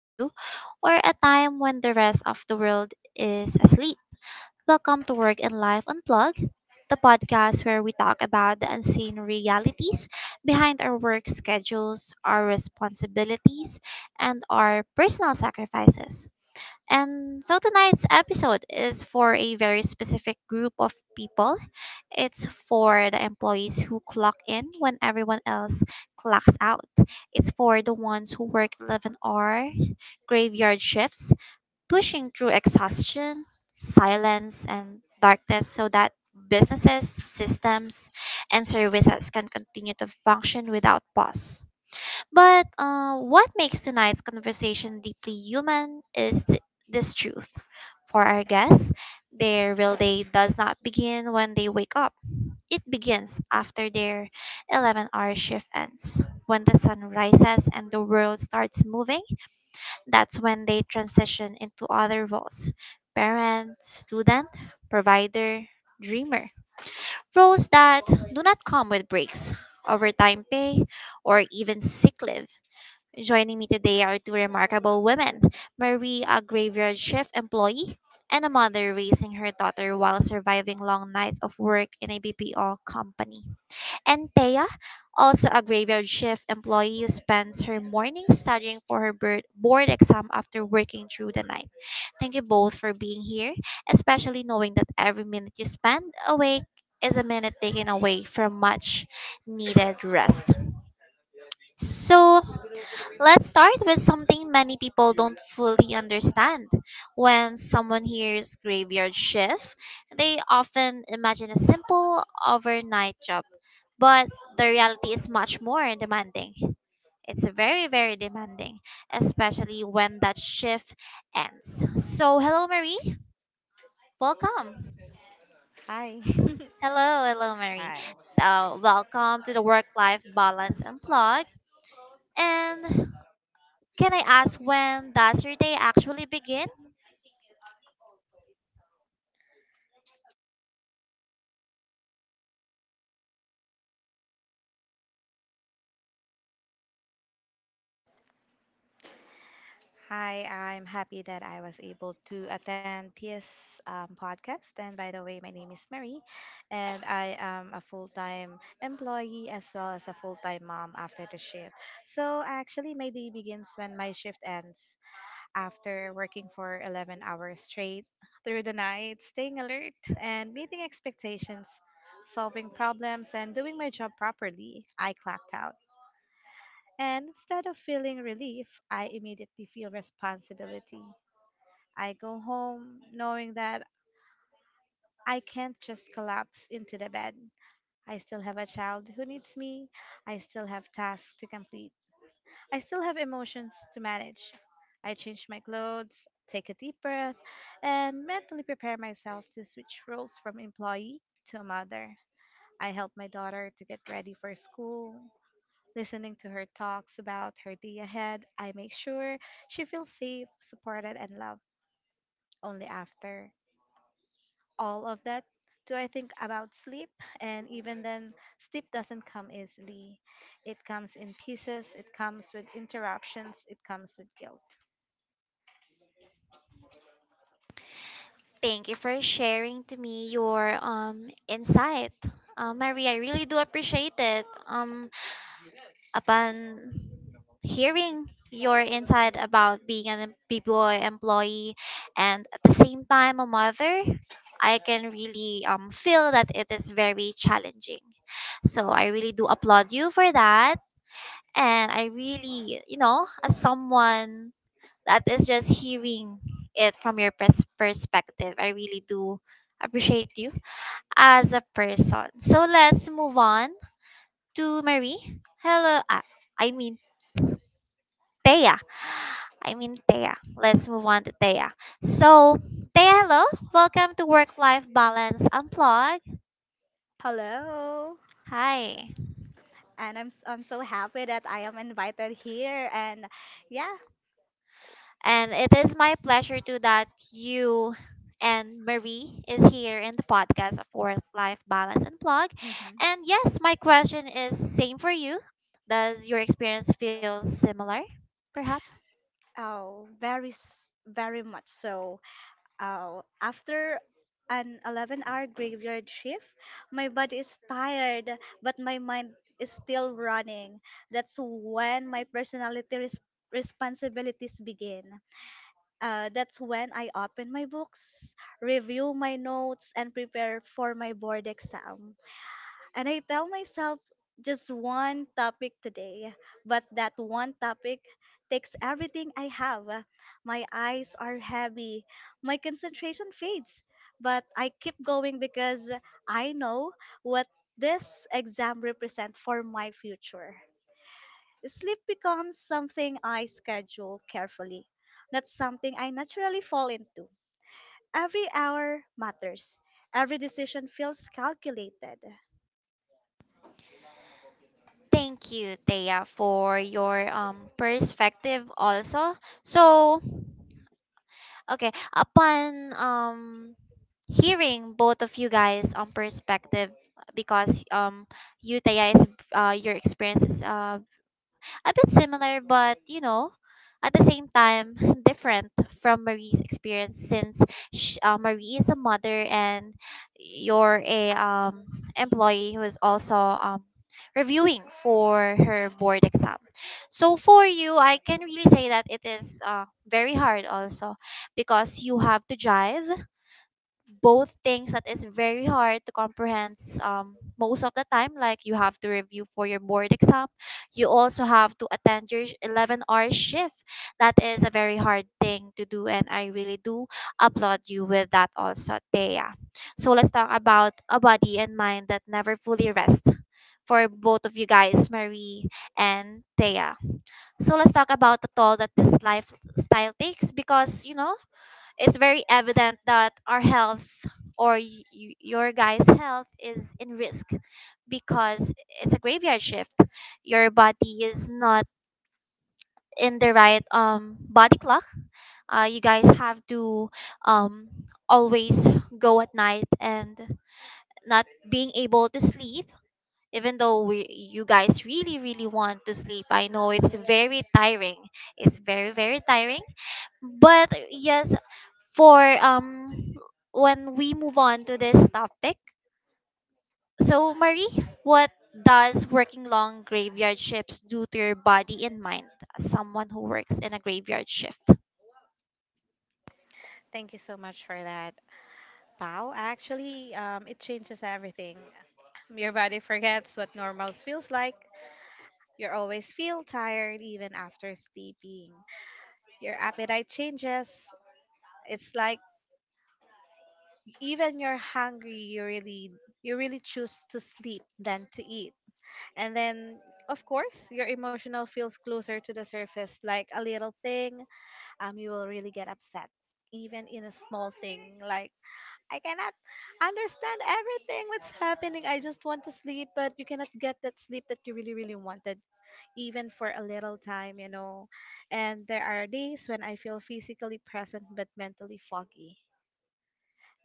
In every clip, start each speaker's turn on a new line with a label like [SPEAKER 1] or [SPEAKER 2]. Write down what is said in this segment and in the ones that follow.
[SPEAKER 1] to you or a time when the rest of the world is asleep. Welcome to Work and Life Unplugged, the podcast where we talk about the unseen realities behind our work schedules, our responsibilities, and our personal sacrifices. And so tonight's episode is for a very specific group of people. It's for the employees who clock in when everyone else clocks out. It's for the ones who work 11-hour graveyard shifts, pushing through exhaustion, silence, and darkness so that businesses, systems, and services can continue to function without pause. But what makes tonight's conversation deeply human is this truth. For our guests, their real day does not begin when they wake up. It begins after their 11-hour shift ends. When the sun rises and the world starts moving, that's when they transition into other roles: parent, student, provider, dreamer. Roles that do not come with breaks, overtime pay, or even sick leave. Joining me today are two remarkable women: Marie, a graveyard shift employee and a mother raising her daughter while surviving long nights of work in a BPO company, and Thea, also a graveyard shift employee who spends her mornings studying for her board exam after working through the night. Thank you both for being here, especially knowing that every minute you spend awake is a minute taken away from much needed rest. So, let's start with something many people don't fully understand. When someone hears graveyard shift, they often imagine a simple overnight job. But the reality is much more demanding. It's very, very demanding, especially when that shift ends. So, hello, Marie. Welcome.
[SPEAKER 2] Hi.
[SPEAKER 1] Hello, hello, Marie.
[SPEAKER 2] Hi.
[SPEAKER 1] Welcome to the Work Life Balance Unplugged. And can I ask, when does your day actually begin?
[SPEAKER 2] Hi, I'm happy that I was able to attend TS podcast. And by the way, my name is Mary, and I am a full time employee as well as a full time mom. After the shift, so actually, my day begins when my shift ends. After working for 11 hours straight through the night, staying alert, and meeting expectations, solving problems, and doing my job properly, I clocked out. And instead of feeling relief, I immediately feel responsibility. I go home knowing that I can't just collapse into the bed. I still have a child who needs me. I still have tasks to complete. I still have emotions to manage. I change my clothes, take a deep breath, and mentally prepare myself to switch roles from employee to mother. I help my daughter to get ready for school. Listening to her talks about her day ahead, I make sure she feels safe, supported, and loved. Only after all of that do I think about sleep, and even then, sleep doesn't come easily. It comes in pieces, it comes with interruptions, it comes with guilt.
[SPEAKER 1] Thank you for sharing to me your insight. Mary, I really do appreciate it. Upon hearing your insight about being an BPO employee and at the same time a mother, I can really feel that it is very challenging. So I really do applaud you for that. And I really, as someone that is just hearing it from your perspective. I really do appreciate you as a person. So let's move on to Marie. Hello, I mean Thea. I mean Thea. Let's move on to Thea. So Thea, hello. Welcome to Work Life Balance Unplugged.
[SPEAKER 3] Hello.
[SPEAKER 1] Hi.
[SPEAKER 3] And I'm I'm so happy that I am invited here and yeah.
[SPEAKER 1] And it is my pleasure to that you and Marie is here in the podcast of Work Life Balance and Plug.
[SPEAKER 3] hmm
[SPEAKER 1] And yes, my question is same for you. Does your experience feel similar? Perhaps.
[SPEAKER 3] Oh, very very much so. Oh, after an 11-hour graveyard shift, my body is tired, but my mind is still running. That's when my responsibilities begin. That's when I open my books, review my notes, and prepare for my board exam. And I tell myself just one topic today, but that one topic takes everything I have. My eyes are heavy, my concentration fades, but I keep going because I know what this exam represents for my future. Sleep becomes something I schedule carefully, not something I naturally fall into. Every hour matters. Every decision feels calculated.
[SPEAKER 1] Thank you, Thea, for your perspective also. So, okay, upon hearing both of you guys perspective, because you Thea is your experience is a bit similar, but at the same time, different from Marie's experience since sh Marie is a mother and you're a employee who is also reviewing for her board exam. So for you, I can really say that it is very hard also, because you have to drive both things. That is very hard to comprehend most of the time. Like, you have to review for your board exam, you also have to attend your 11-hour shift. That is a very hard thing to do, and I really do applaud you with that also, Thea. So let's talk about a body and mind that never fully rest for both of you guys, Marie and Thea. So let's talk about the toll that this lifestyle takes, because you know, it's very evident that our health or your guy's health is in risk because it's a graveyard shift. Your body is not in the right body clock. You guys have to um always go at night and not being able to sleep, even though you guys really really want to sleep. I know it's very tiring, it's very, very tiring. But yes, for when we move on to this topic. So Marie, what does working long graveyard shifts do to your body and mind as someone who works in a graveyard shift?
[SPEAKER 2] Thank you so much for that, Pau. Actually, it changes everything. Your body forgets what normal feels like. You always feel tired even after sleeping. Your appetite changes. It's like even you're hungry, you really choose to sleep than to eat. And then of course, your emotional feels closer to the surface. Like a little thing, you will really get upset even in a small thing. Like, I cannot understand everything what's happening. I just want to sleep, but you cannot get that sleep that you really wanted even for a little time. And there are days when I feel physically present but mentally foggy.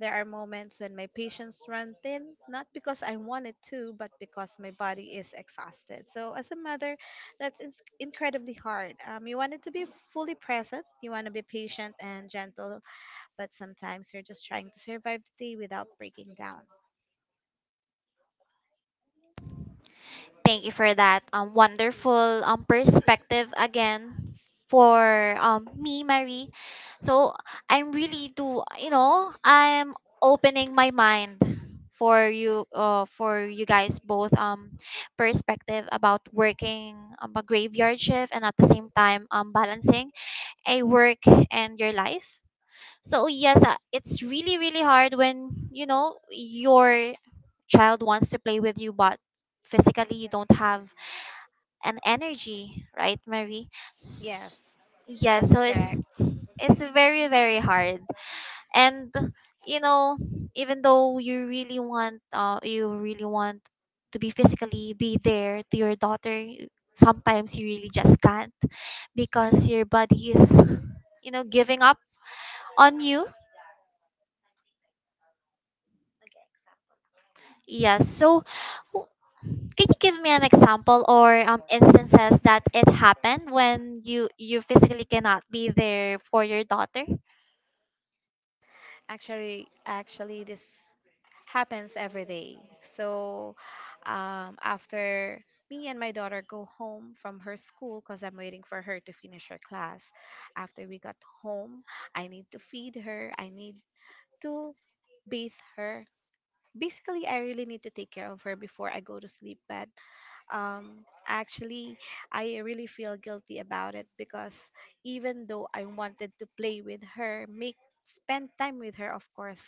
[SPEAKER 2] There are moments when my patience run thin, not because I want it to, but because my body is exhausted. So, as a mother, that's ins incredibly hard. You want it to be fully present, you want to be patient and gentle, but sometimes you're just trying to survive the day without breaking down.
[SPEAKER 1] Thank you for that wonderful perspective again for me, Marie. So I'm really do, I'm opening my mind for you, for you guys both perspective about working a graveyard shift and at the same time balancing a work and your life. So yes, it's really really hard when you know your child wants to play with you, but physically you don't have and energy, right, Marie?
[SPEAKER 2] Yes,
[SPEAKER 1] S- Yeah,
[SPEAKER 2] that's
[SPEAKER 1] so it's
[SPEAKER 2] correct.
[SPEAKER 1] it's very very hard. And you know, even though you really want to be physically be there to your daughter, you sometimes you really just can't because your body is, you know, giving up on you. Yes. So w- can you give me an example or instances that it happened when you physically cannot be there for your daughter?
[SPEAKER 2] Actually, this happens every day. So after me and my daughter go home from her school, because I'm waiting for her to finish her class, after we got home, I need to feed her, I need to bathe her. Basically, I really need to take care of her before I go to sleep bed. Actually, I really feel guilty about it, because even though I wanted to play with her, make spend time with her, of course,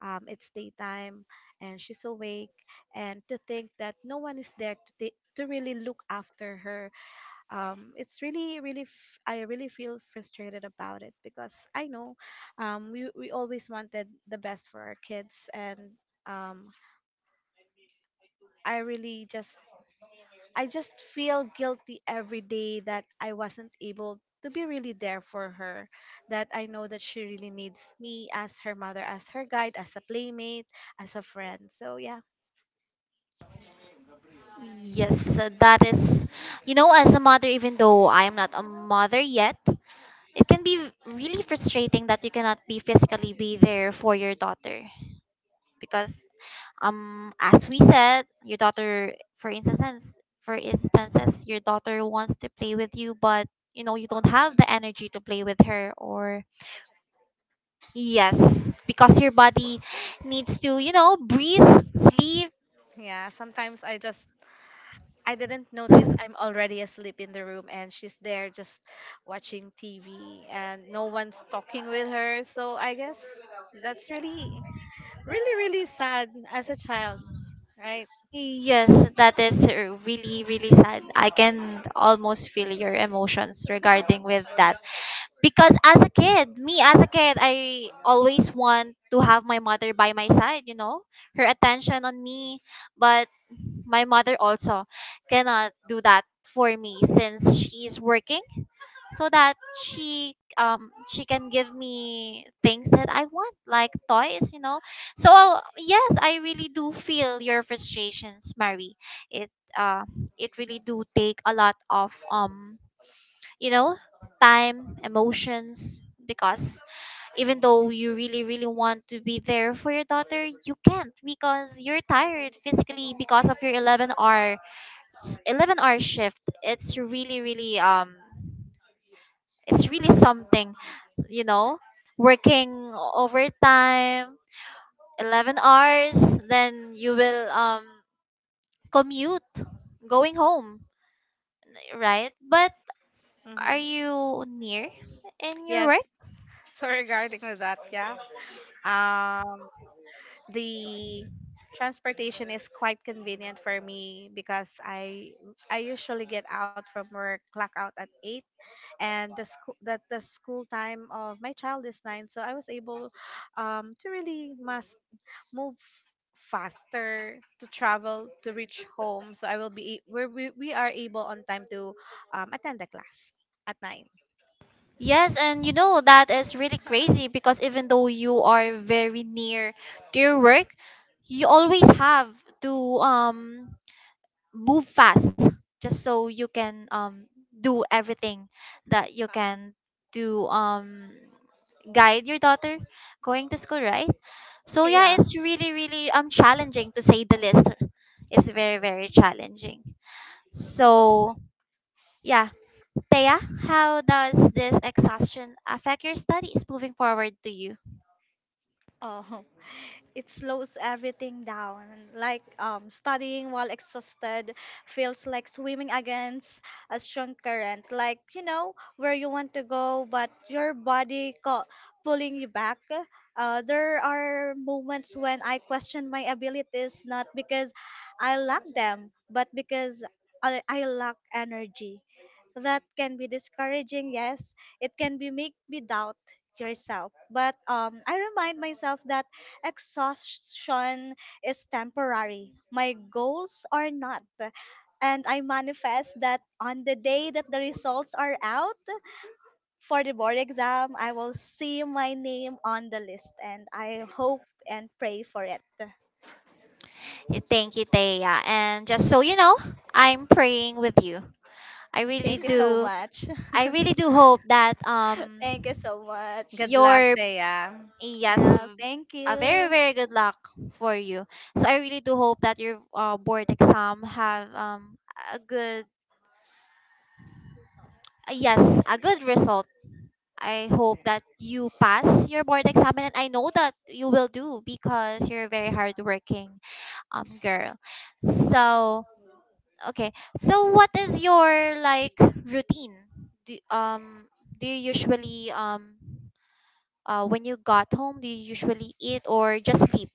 [SPEAKER 2] it's daytime and she's awake, and to think that no one is there to take to really look after her, it's really really, I really feel frustrated about it. Because I know, we always wanted the best for our kids and um, I really just I just feel guilty every day that I wasn't able to be really there for her. That I know that she really needs me as her mother, as her guide, as a playmate, as a friend. So yeah.
[SPEAKER 1] Yes, that is, you know, as a mother, even though I am not a mother yet, it can be really frustrating that you cannot be physically be there for your daughter because, as we said, your daughter, for instance, for instances, your daughter wants to play with you, but you know you don't have the energy to play with her, or yes, because your body needs to, you know, breathe, sleep.
[SPEAKER 2] Yeah, sometimes I didn't notice I'm already asleep in the room and she's there just watching TV and no one's talking with her. So I guess that's really really really sad as a child, right?
[SPEAKER 1] Yes, that is really, really sad. I can almost feel your emotions regarding with that. Because as a kid, me as a kid, I always want to have my mother by my side, you know, her attention on me. But my mother also cannot do that for me since she's working so that she can give me things that I want, like toys, you know. So yes, I really do feel your frustrations, Mary. It uh it really do take a lot of you know time, emotions, because even though you really really want to be there for your daughter, you can't because you're tired physically because of your 11 hour 11-hour shift. It's really really it's really something, you know, working overtime, 11 hours, then you will commute going home, right? But are
[SPEAKER 2] Mhm.
[SPEAKER 1] you near in your
[SPEAKER 2] Yes.
[SPEAKER 1] work?
[SPEAKER 2] So regarding with that, yeah. Um, the transportation is quite convenient for me because I usually get out from work, clock out at eight, and the school time of my child is nine, so I was able to really must move faster to travel to reach home. So I will be we are able on time to attend the class at nine.
[SPEAKER 1] Yes, and you know that is really crazy, because even though you are very near to your work, you always have to um move fast just so you can do everything that you can do guide your daughter going to school, right? So yeah,
[SPEAKER 2] Yeah.
[SPEAKER 1] it's really really challenging, to say the least. It's very very challenging. So yeah, Thea, how does this exhaustion affect your studies? Moving forward to you.
[SPEAKER 3] Oh, it slows everything down. Like studying while exhausted feels like swimming against a strong current. Like you know where you want to go, but your body pulling you back. There are moments when I question my abilities, not because I lack them, but because I lack energy. That can be discouraging. Yes, it can be make me doubt yourself. But I remind myself that exhaustion is temporary. My goals are not. And I manifest that on the day that the results are out for the board exam, I will see my name on the list and I hope and pray for it.
[SPEAKER 1] Yeah, thank you, Thea. And just so you know, I'm praying with you. I really
[SPEAKER 3] Thank you so
[SPEAKER 1] do,
[SPEAKER 3] much.
[SPEAKER 1] I really do hope that
[SPEAKER 3] Thank you so much.
[SPEAKER 2] Good luck,
[SPEAKER 1] your,
[SPEAKER 2] Thea.
[SPEAKER 1] yes,
[SPEAKER 3] Yeah, thank
[SPEAKER 1] a very
[SPEAKER 3] you.
[SPEAKER 1] very good luck for you. So I really do hope that your board exam have a good yes, a good result. I hope that you pass your board exam, and I know that you will, do because you're a very hardworking girl. So okay, so what is your, like, routine, do, you usually when you got home, do you usually eat or just sleep?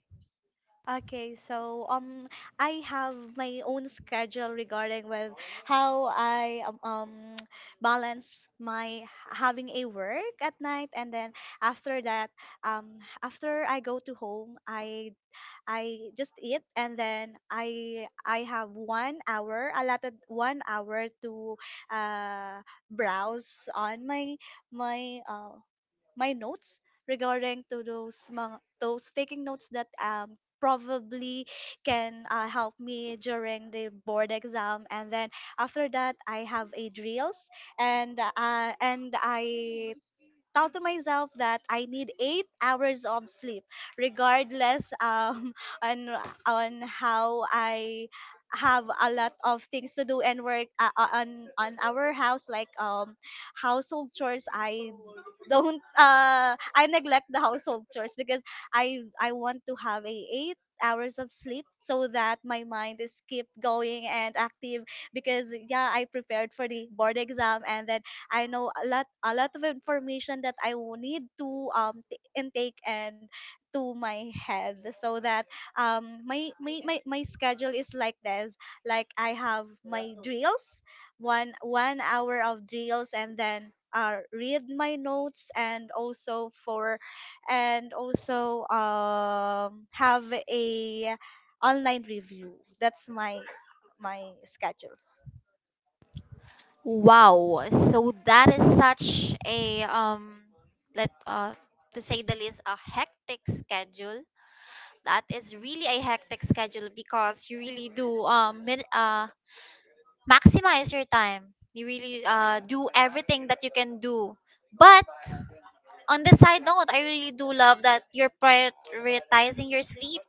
[SPEAKER 3] Okay, so I have my own schedule regarding with how I balance my having a work at night and then after that after I go to home I just eat and then I have 1 hour allotted 1 hour to uh browse on my uh, my notes regarding to those those taking notes that probably can help me during the board exam and then after that I have a drills and I tell to myself that I need 8 hours of sleep, regardless on on how I have a lot of things to do and work on our house like household chores I don't I neglect the household chores because I want to have a 8 hours of sleep so that my mind is keep going and active because yeah I prepared for the board exam and then I know a lot of information that I will need to intake and to my head so that my schedule is like this like I have my drills one hour of drills and then read my notes and also for and also have a online review. That's my schedule,
[SPEAKER 1] Wow. So that is such a let to say the least a hectic schedule. That is really a hectic schedule, because you really do maximize your time. You really do everything that you can do. But on the side note, I really do love that you're prioritizing your sleep.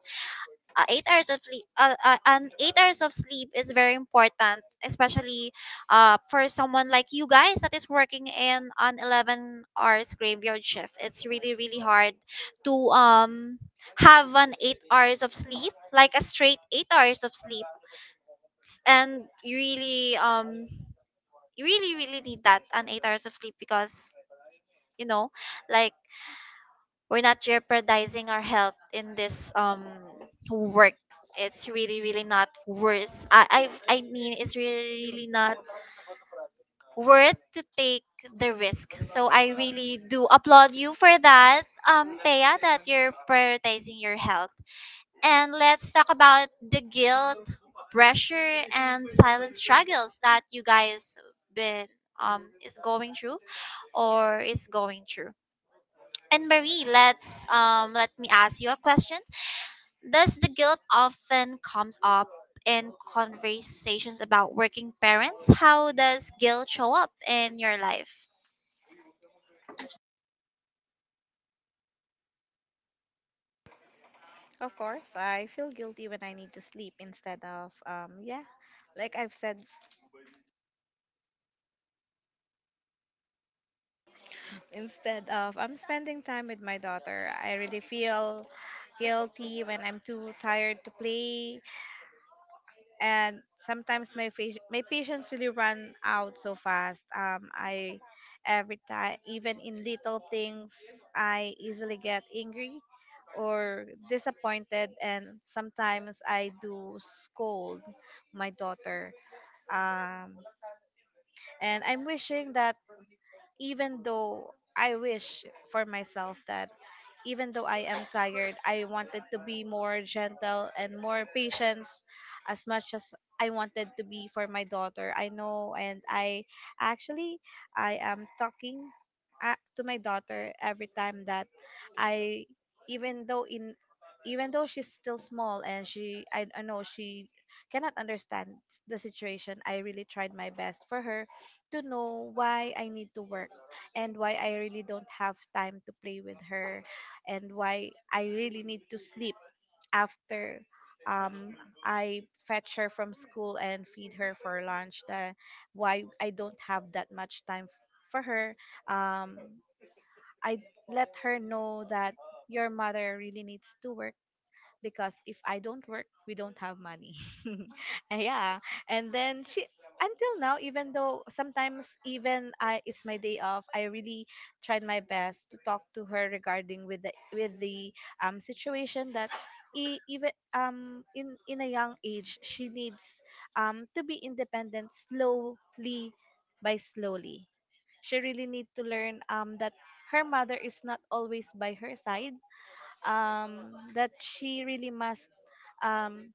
[SPEAKER 1] Eight hours of sleep an 8 hours of sleep is very important, especially for someone like you guys that is working in an 11 hours graveyard shift. It's really really hard to have an 8 hours of sleep, like a straight 8 hours of sleep. And you really really need that an 8 hours of sleep, because you know, like, we're not jeopardizing our health in this work. It's really really not worth. I mean, it's really, really not worth to take the risk. So I really do applaud you for that, Thea, that you're prioritizing your health. And let's talk about the guilt, pressure, and silent struggles that you guys been is going through or is going through. And Marie, let's let me ask you a question. Thus, the guilt often comes up in conversations about working parents. How does guilt show up in your life?
[SPEAKER 2] Of course, I feel guilty when I need to sleep instead of, yeah, like I've said, instead of I'm spending time with my daughter. I really feel guilty when I'm too tired to play, and sometimes my patience really run out so fast. I every time, even in little things, I easily get angry or disappointed, and sometimes I do scold my daughter. Um and i'm wishing that even though I wish for myself that even though I am tired, I wanted to be more gentle and more patient as much as I wanted to be for my daughter. I know, and I actually I am talking to my daughter every time that I even though in even though she's still small and I know she cannot understand the situation, I really tried my best for her to know why I need to work, and why I really don't have time to play with her, and why I really need to sleep after um, I fetch her from school and feed her for lunch. The, why I don't have that much time for her. Um, I let her know that your mother really needs to work, because if I don't work, we don't have money. And yeah. And then she, until now, even though sometimes even I it's my day off, I really tried my best to talk to her regarding with the situation that even in a young age, she needs to be independent slowly by slowly. She really need to learn that her mother is not always by her side, that she really must, um,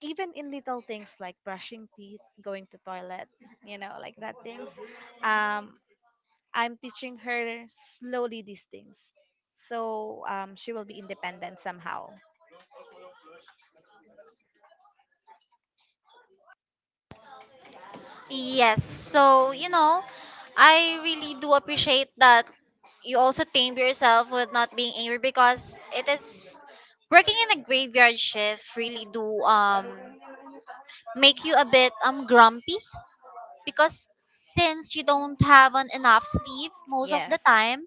[SPEAKER 2] even in little things like brushing teeth, going to toilet, you know, like that things. Um, I'm teaching her slowly these things, so she will be independent somehow.
[SPEAKER 1] Yes, so, you know, I really do appreciate that you also tame yourself with not being angry because it is working in a graveyard shift really do make you a bit grumpy because since you don't have an enough sleep most of the
[SPEAKER 2] Yes.
[SPEAKER 1] time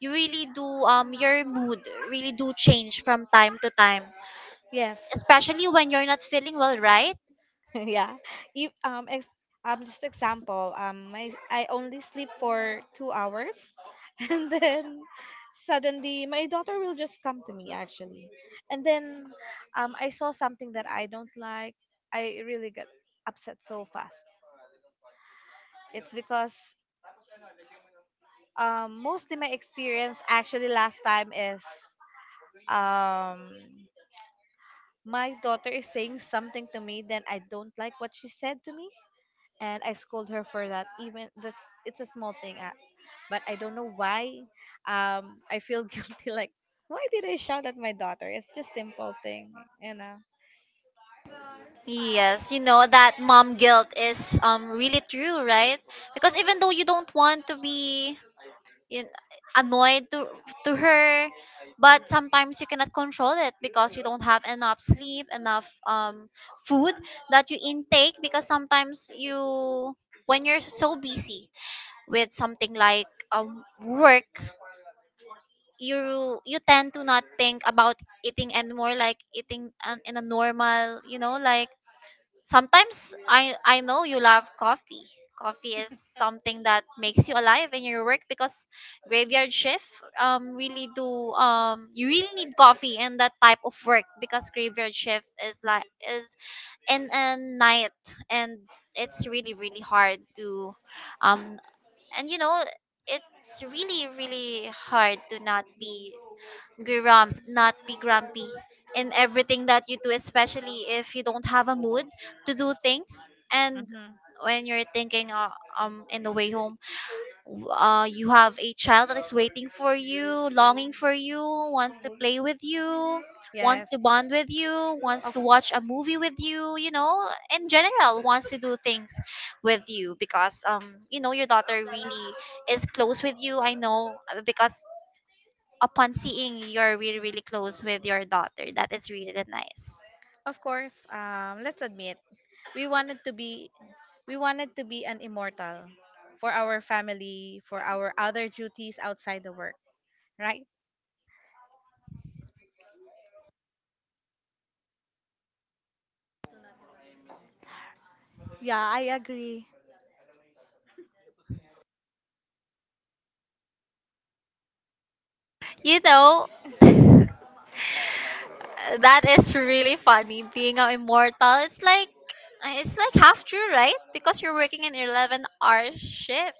[SPEAKER 1] you really do your mood really do change from time to time,
[SPEAKER 2] Yes.
[SPEAKER 1] especially when you're not feeling well, right?
[SPEAKER 2] Yeah. If just example, I only sleep for 2 hours and then suddenly my daughter will just come to me, actually. And then I saw something that I don't like. I really get upset so fast. It's because mostly my experience actually last time is um my daughter is saying something to me, then I don't like what she said to me, and I scold her for that. Even that's it's a small thing, but I don't know why. I feel guilty. Like, why did I shout at my daughter? It's just simple thing, you know.
[SPEAKER 1] Yes, you know that mom guilt is really true, right? Because even though you don't want to be you annoyed to her, but sometimes you cannot control it because you don't have enough sleep, enough food that you intake, because sometimes you, when you're so busy with something like work, you tend to not think about eating anymore, like eating an in a normal, you know, like sometimes I know you love coffee. Coffee is something that makes you alive in your work because graveyard shift really do you really need coffee in that type of work because graveyard shift is like is in a night and it's really, really hard to um and you know it's really, really hard to not be grump, not be grumpy in everything that you do, especially if you don't have a mood to do things. And
[SPEAKER 2] Hmm.
[SPEAKER 1] when you're thinking in the way home, you have a child that is waiting for you, longing for you, wants to play with you, wants
[SPEAKER 2] Yes.
[SPEAKER 1] to bond with you, wants
[SPEAKER 2] Of
[SPEAKER 1] to watch a movie with you, you know, in general, wants to do things with you because you know your daughter really is close with you. I know, because upon seeing you're really, really close with your daughter, that is really nice,
[SPEAKER 2] of course. Let's admit, we wanted to be we wanted to be an immortal for our family, for our other duties outside the work. Right?
[SPEAKER 3] yeah, I agree.
[SPEAKER 1] you know. That is really funny, being an immortal. It's like, it's like half true, right? Because you're working an 11-hour shift.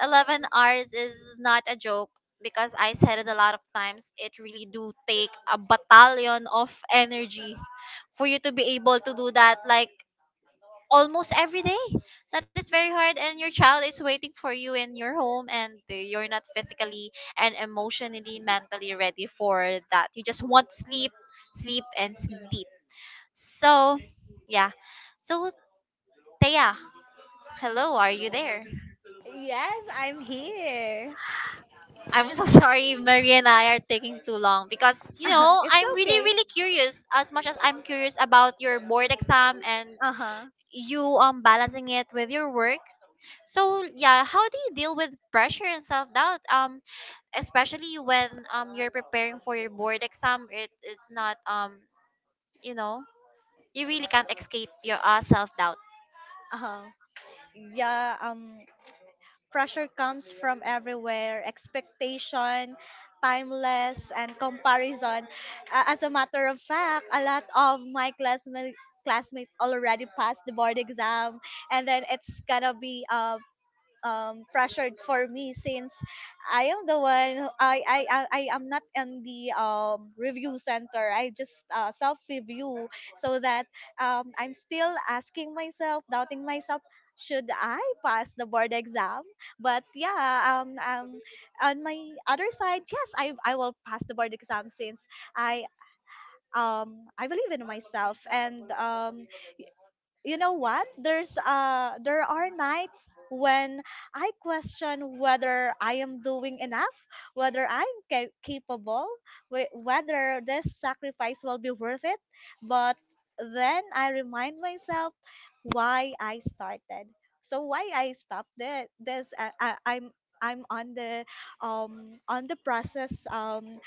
[SPEAKER 1] 11 hours is not a joke because I said it a lot of times. It really do take a battalion of energy for you to be able to do that, like almost every day. That is very hard, and your child is waiting for you in your home, and you're not physically and emotionally, mentally ready for that. You just want sleep, sleep, and sleep. So, yeah. So, Thea, hello, are you there?
[SPEAKER 3] Yes, I'm here.
[SPEAKER 1] I'm so sorry, Marie and I are taking too long because, you know,
[SPEAKER 3] It's
[SPEAKER 1] I'm really,
[SPEAKER 3] okay.
[SPEAKER 1] really curious as much as I'm curious about your board exam and
[SPEAKER 3] Uh huh.
[SPEAKER 1] you balancing it with your work. So yeah, how do you deal with pressure and self doubt? Especially when you're preparing for your board exam, it is not, you know, you really can't escape your self doubt.
[SPEAKER 3] Uh huh. Yeah. Pressure comes from everywhere. Expectation, timeless, and comparison. A- as a matter of fact, a lot of my classmate already passed the board exam and then it's gonna be pressured for me since I am the one I am not in the review center. I just self review so that I'm still asking myself, doubting myself, should I pass the board exam? But yeah, on my other side, yes, I will pass the board exam since I I believe in myself and you know what, there's there are nights when I question whether I am doing enough, whether I'm capable, whether this sacrifice will be worth it. But then I remind myself why I started, so why I stopped it. This I, I'm on the process um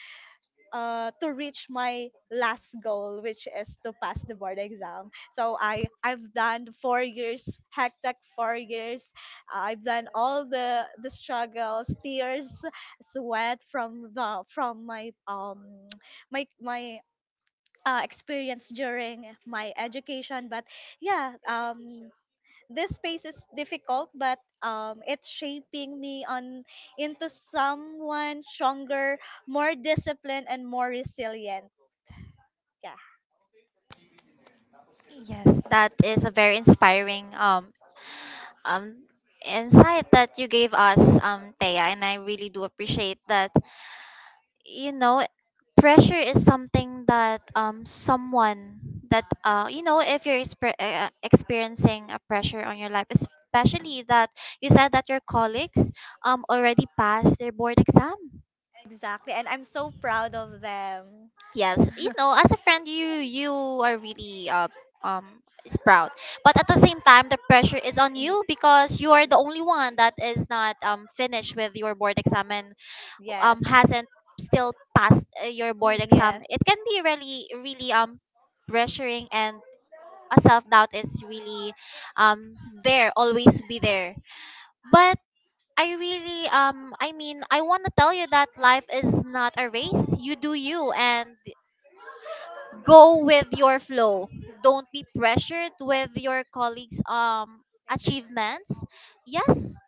[SPEAKER 3] uh, to reach my last goal, which is to pass the board exam. So I've done 4 years, hectic 4 years. I've done all the struggles, tears, sweat from the from my my my experience during my education. But yeah, this space is difficult but it's shaping me on into someone stronger, more disciplined, and more resilient. Yeah,
[SPEAKER 1] Yes, that is a very inspiring um insight that you gave us, Thea, and I really do appreciate that, you know, pressure is something that someone that you know, if you're experiencing a pressure on your life, especially that you said that your colleagues already passed their board exam.
[SPEAKER 3] exactly, and I'm so proud of them.
[SPEAKER 1] Yes, you know, as a friend, you are really is proud, but at the same time the pressure is on
[SPEAKER 3] Y-
[SPEAKER 1] you because you are the only one that is not finished with your board exam and
[SPEAKER 3] yes.
[SPEAKER 1] hasn't still passed your board
[SPEAKER 3] Mm,
[SPEAKER 1] exam.
[SPEAKER 3] yes.
[SPEAKER 1] It can be really, really pressuring, and a self doubt is really um there, always be there. But I really, I want to tell you that life is not a race. You do you and go with your flow. Don't be pressured with your colleagues achievements. Yes,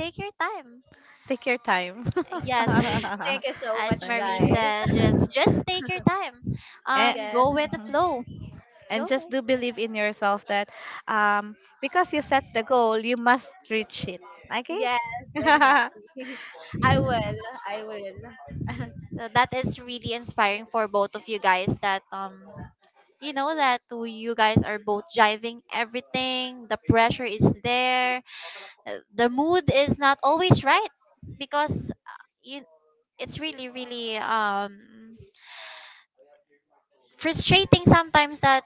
[SPEAKER 1] take your time.
[SPEAKER 2] Take your time.
[SPEAKER 1] Yes,
[SPEAKER 3] Thank you so much,
[SPEAKER 1] as Marie
[SPEAKER 2] Okay.
[SPEAKER 3] guys.
[SPEAKER 1] said, just take your time.
[SPEAKER 2] And,
[SPEAKER 1] Go
[SPEAKER 3] Yes,
[SPEAKER 1] with the
[SPEAKER 2] mhm.
[SPEAKER 1] flow. Go
[SPEAKER 2] And just do
[SPEAKER 1] with it.
[SPEAKER 2] believe in yourself that um, because you set the goal, you must reach it. Okay?
[SPEAKER 3] yes, exactly. I will, I will.
[SPEAKER 1] So that is really inspiring for both of you guys that, you know, that you guys are both jiving everything. The pressure is there, the mood is not always right because, you, it's really, really frustrating sometimes that,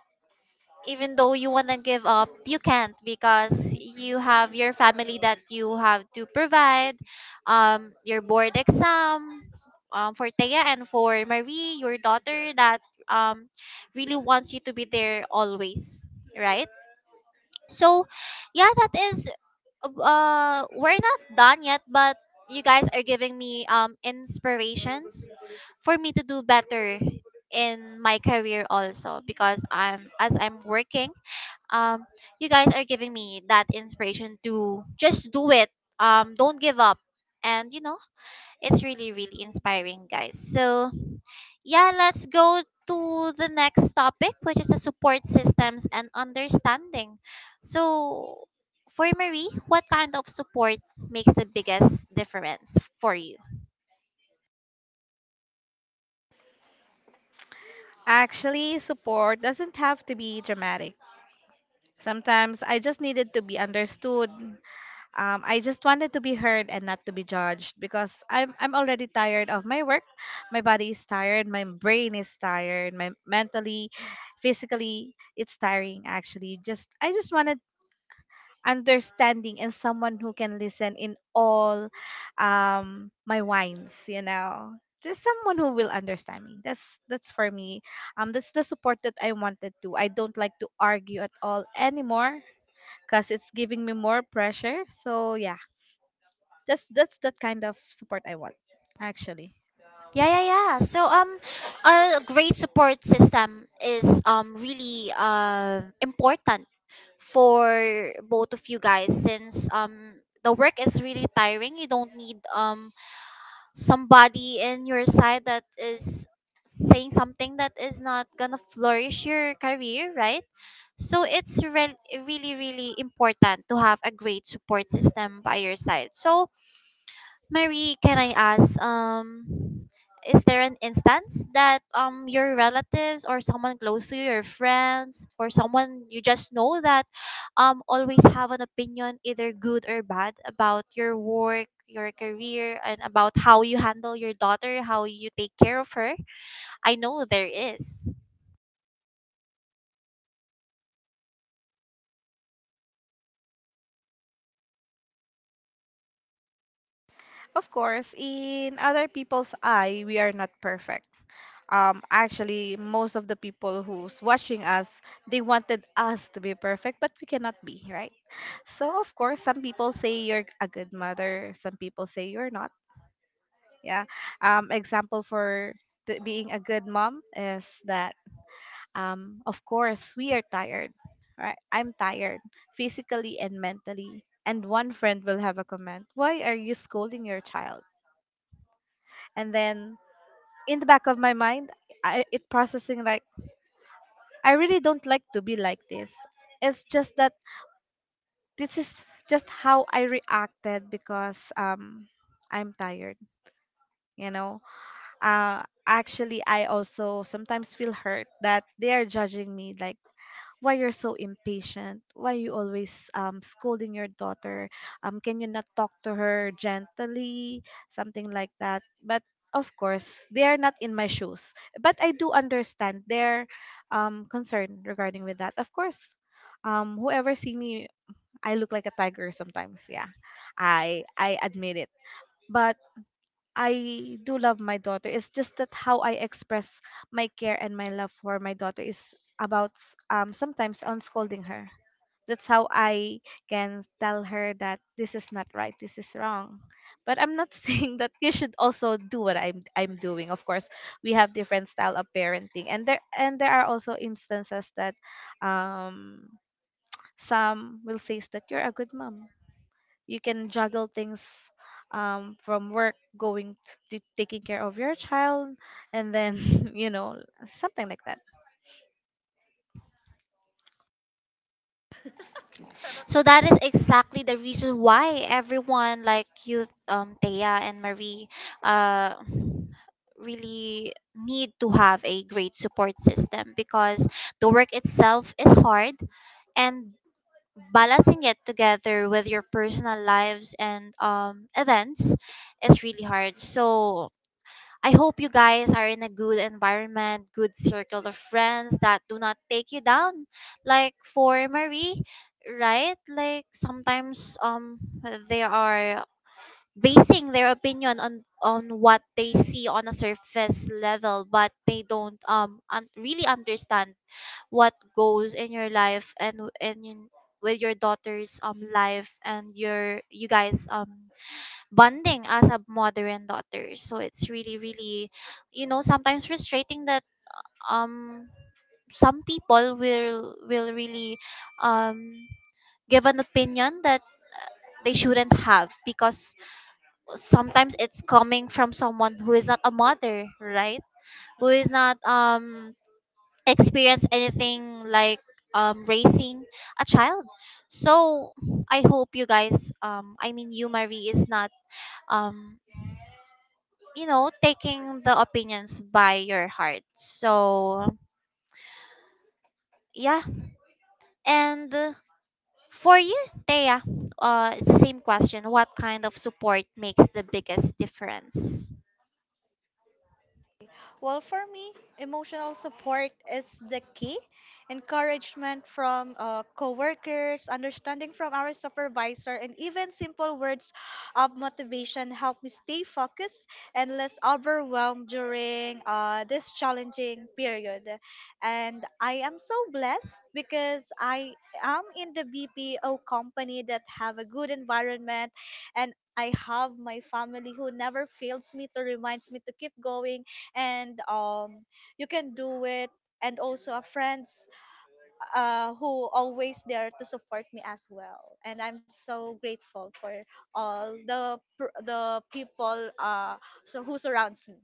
[SPEAKER 1] even though you want to give up, you can't because you have your family that you have to provide, your board exam, for Thea, and for Marie, your daughter that, um, really wants you to be there always, right? So, yeah, that is, we're not done yet, but you guys are giving me inspirations for me to do better in my career also because I'm, as I'm working, um you guys are giving me that inspiration to just do it, don't give up, and you know it's really, really inspiring, guys. So yeah, let's go to the next topic, which is the support systems and understanding. So for Marie, what kind of support makes the biggest difference for you?
[SPEAKER 2] Actually, support doesn't have to be dramatic. Sometimes I just needed to be understood. I just wanted to be heard and not to be judged because I'm already tired of my work. My body is tired, my brain is tired, my mentally, physically, it's tiring actually. Just I just wanted understanding and someone who can listen in all my whines, you know. Just someone who will understand me. That's for me. That's the support that I wanted to. I don't like to argue at all anymore because it's giving me more pressure. So yeah. That kind of support I want, actually.
[SPEAKER 1] Yeah, yeah, yeah. So a great support system is really important for both of you guys since the work is really tiring. You don't need somebody in your side that is saying something that is not gonna flourish your career, right? So it's really, really important to have a great support system by your side. So Marie, can I ask, is there an instance that your relatives or someone close to you, your friends or someone you just know, that always have an opinion, either good or bad, about your work, your career, and about how you handle your daughter, how you take care of her? I know there is.
[SPEAKER 2] Of course, in other people's eye, we are not perfect. Actually, most of the people who's watching us, they wanted us to be perfect, but we cannot be, right? So, of course, some people say you're a good mother, some people say you're not. Yeah. Example for the, being a good mom is that, of course, we are tired, right? I'm tired physically and mentally. And one friend will have a comment, why are you scolding your child? And then in the back of my mind, it processing like, I really don't like to be like this. It's just that this is just how I reacted because, I'm tired, you know? Actually, I also sometimes feel hurt that they are judging me, like, why you're so impatient, why you always scolding your daughter, um, can you not talk to her gently, something like that. But of course, they are not in my shoes, but I do understand their concern regarding with that. Of course, whoever see me, I look like a tiger sometimes. Yeah, I admit it, but I do love my daughter. It's just that how I express my care and my love for my daughter is about sometimes on scolding her. That's how I can tell her that this is not right, this is wrong. But I'm not saying that you should also do what I'm doing. Of course, we have different style of parenting, and there are also instances that um, some will say that you're a good mom. You can juggle things, from work going to taking care of your child and then you know something like that
[SPEAKER 1] So that is exactly the reason why everyone like you, Thea and Marie, uh, really need to have a great support system because the work itself is hard, and balancing it together with your personal lives and, events is really hard. So I hope you guys are in a good environment, good circle of friends that do not take you down. Like for Marie, right? Like sometimes they are basing their opinion on what they see on a surface level, but they don't really understand what goes in your life and and in, with your daughter's life, and your, you guys, bonding as a mother and daughter. So it's really, really, you know, sometimes frustrating that um some people will really um give an opinion that they shouldn't have, because sometimes it's coming from someone who is not a mother, right? Who is not experience anything like raising a child. So I hope you guys, you Marie is not um you know, taking the opinions by your heart. So, yeah. And for you, Thea, it's the same question. What kind of support makes the biggest difference?
[SPEAKER 3] Well, for me, emotional support is the key. Encouragement from coworkers, understanding from our supervisor, and even simple words of motivation help me stay focused and less overwhelmed during this challenging period. And I am so blessed because I am in the BPO company that have a good environment and I have my family who never fails me to reminds me to keep going and you can do it and also a friends who always there to support me as well and I'm so grateful for all the the people so who surrounds me.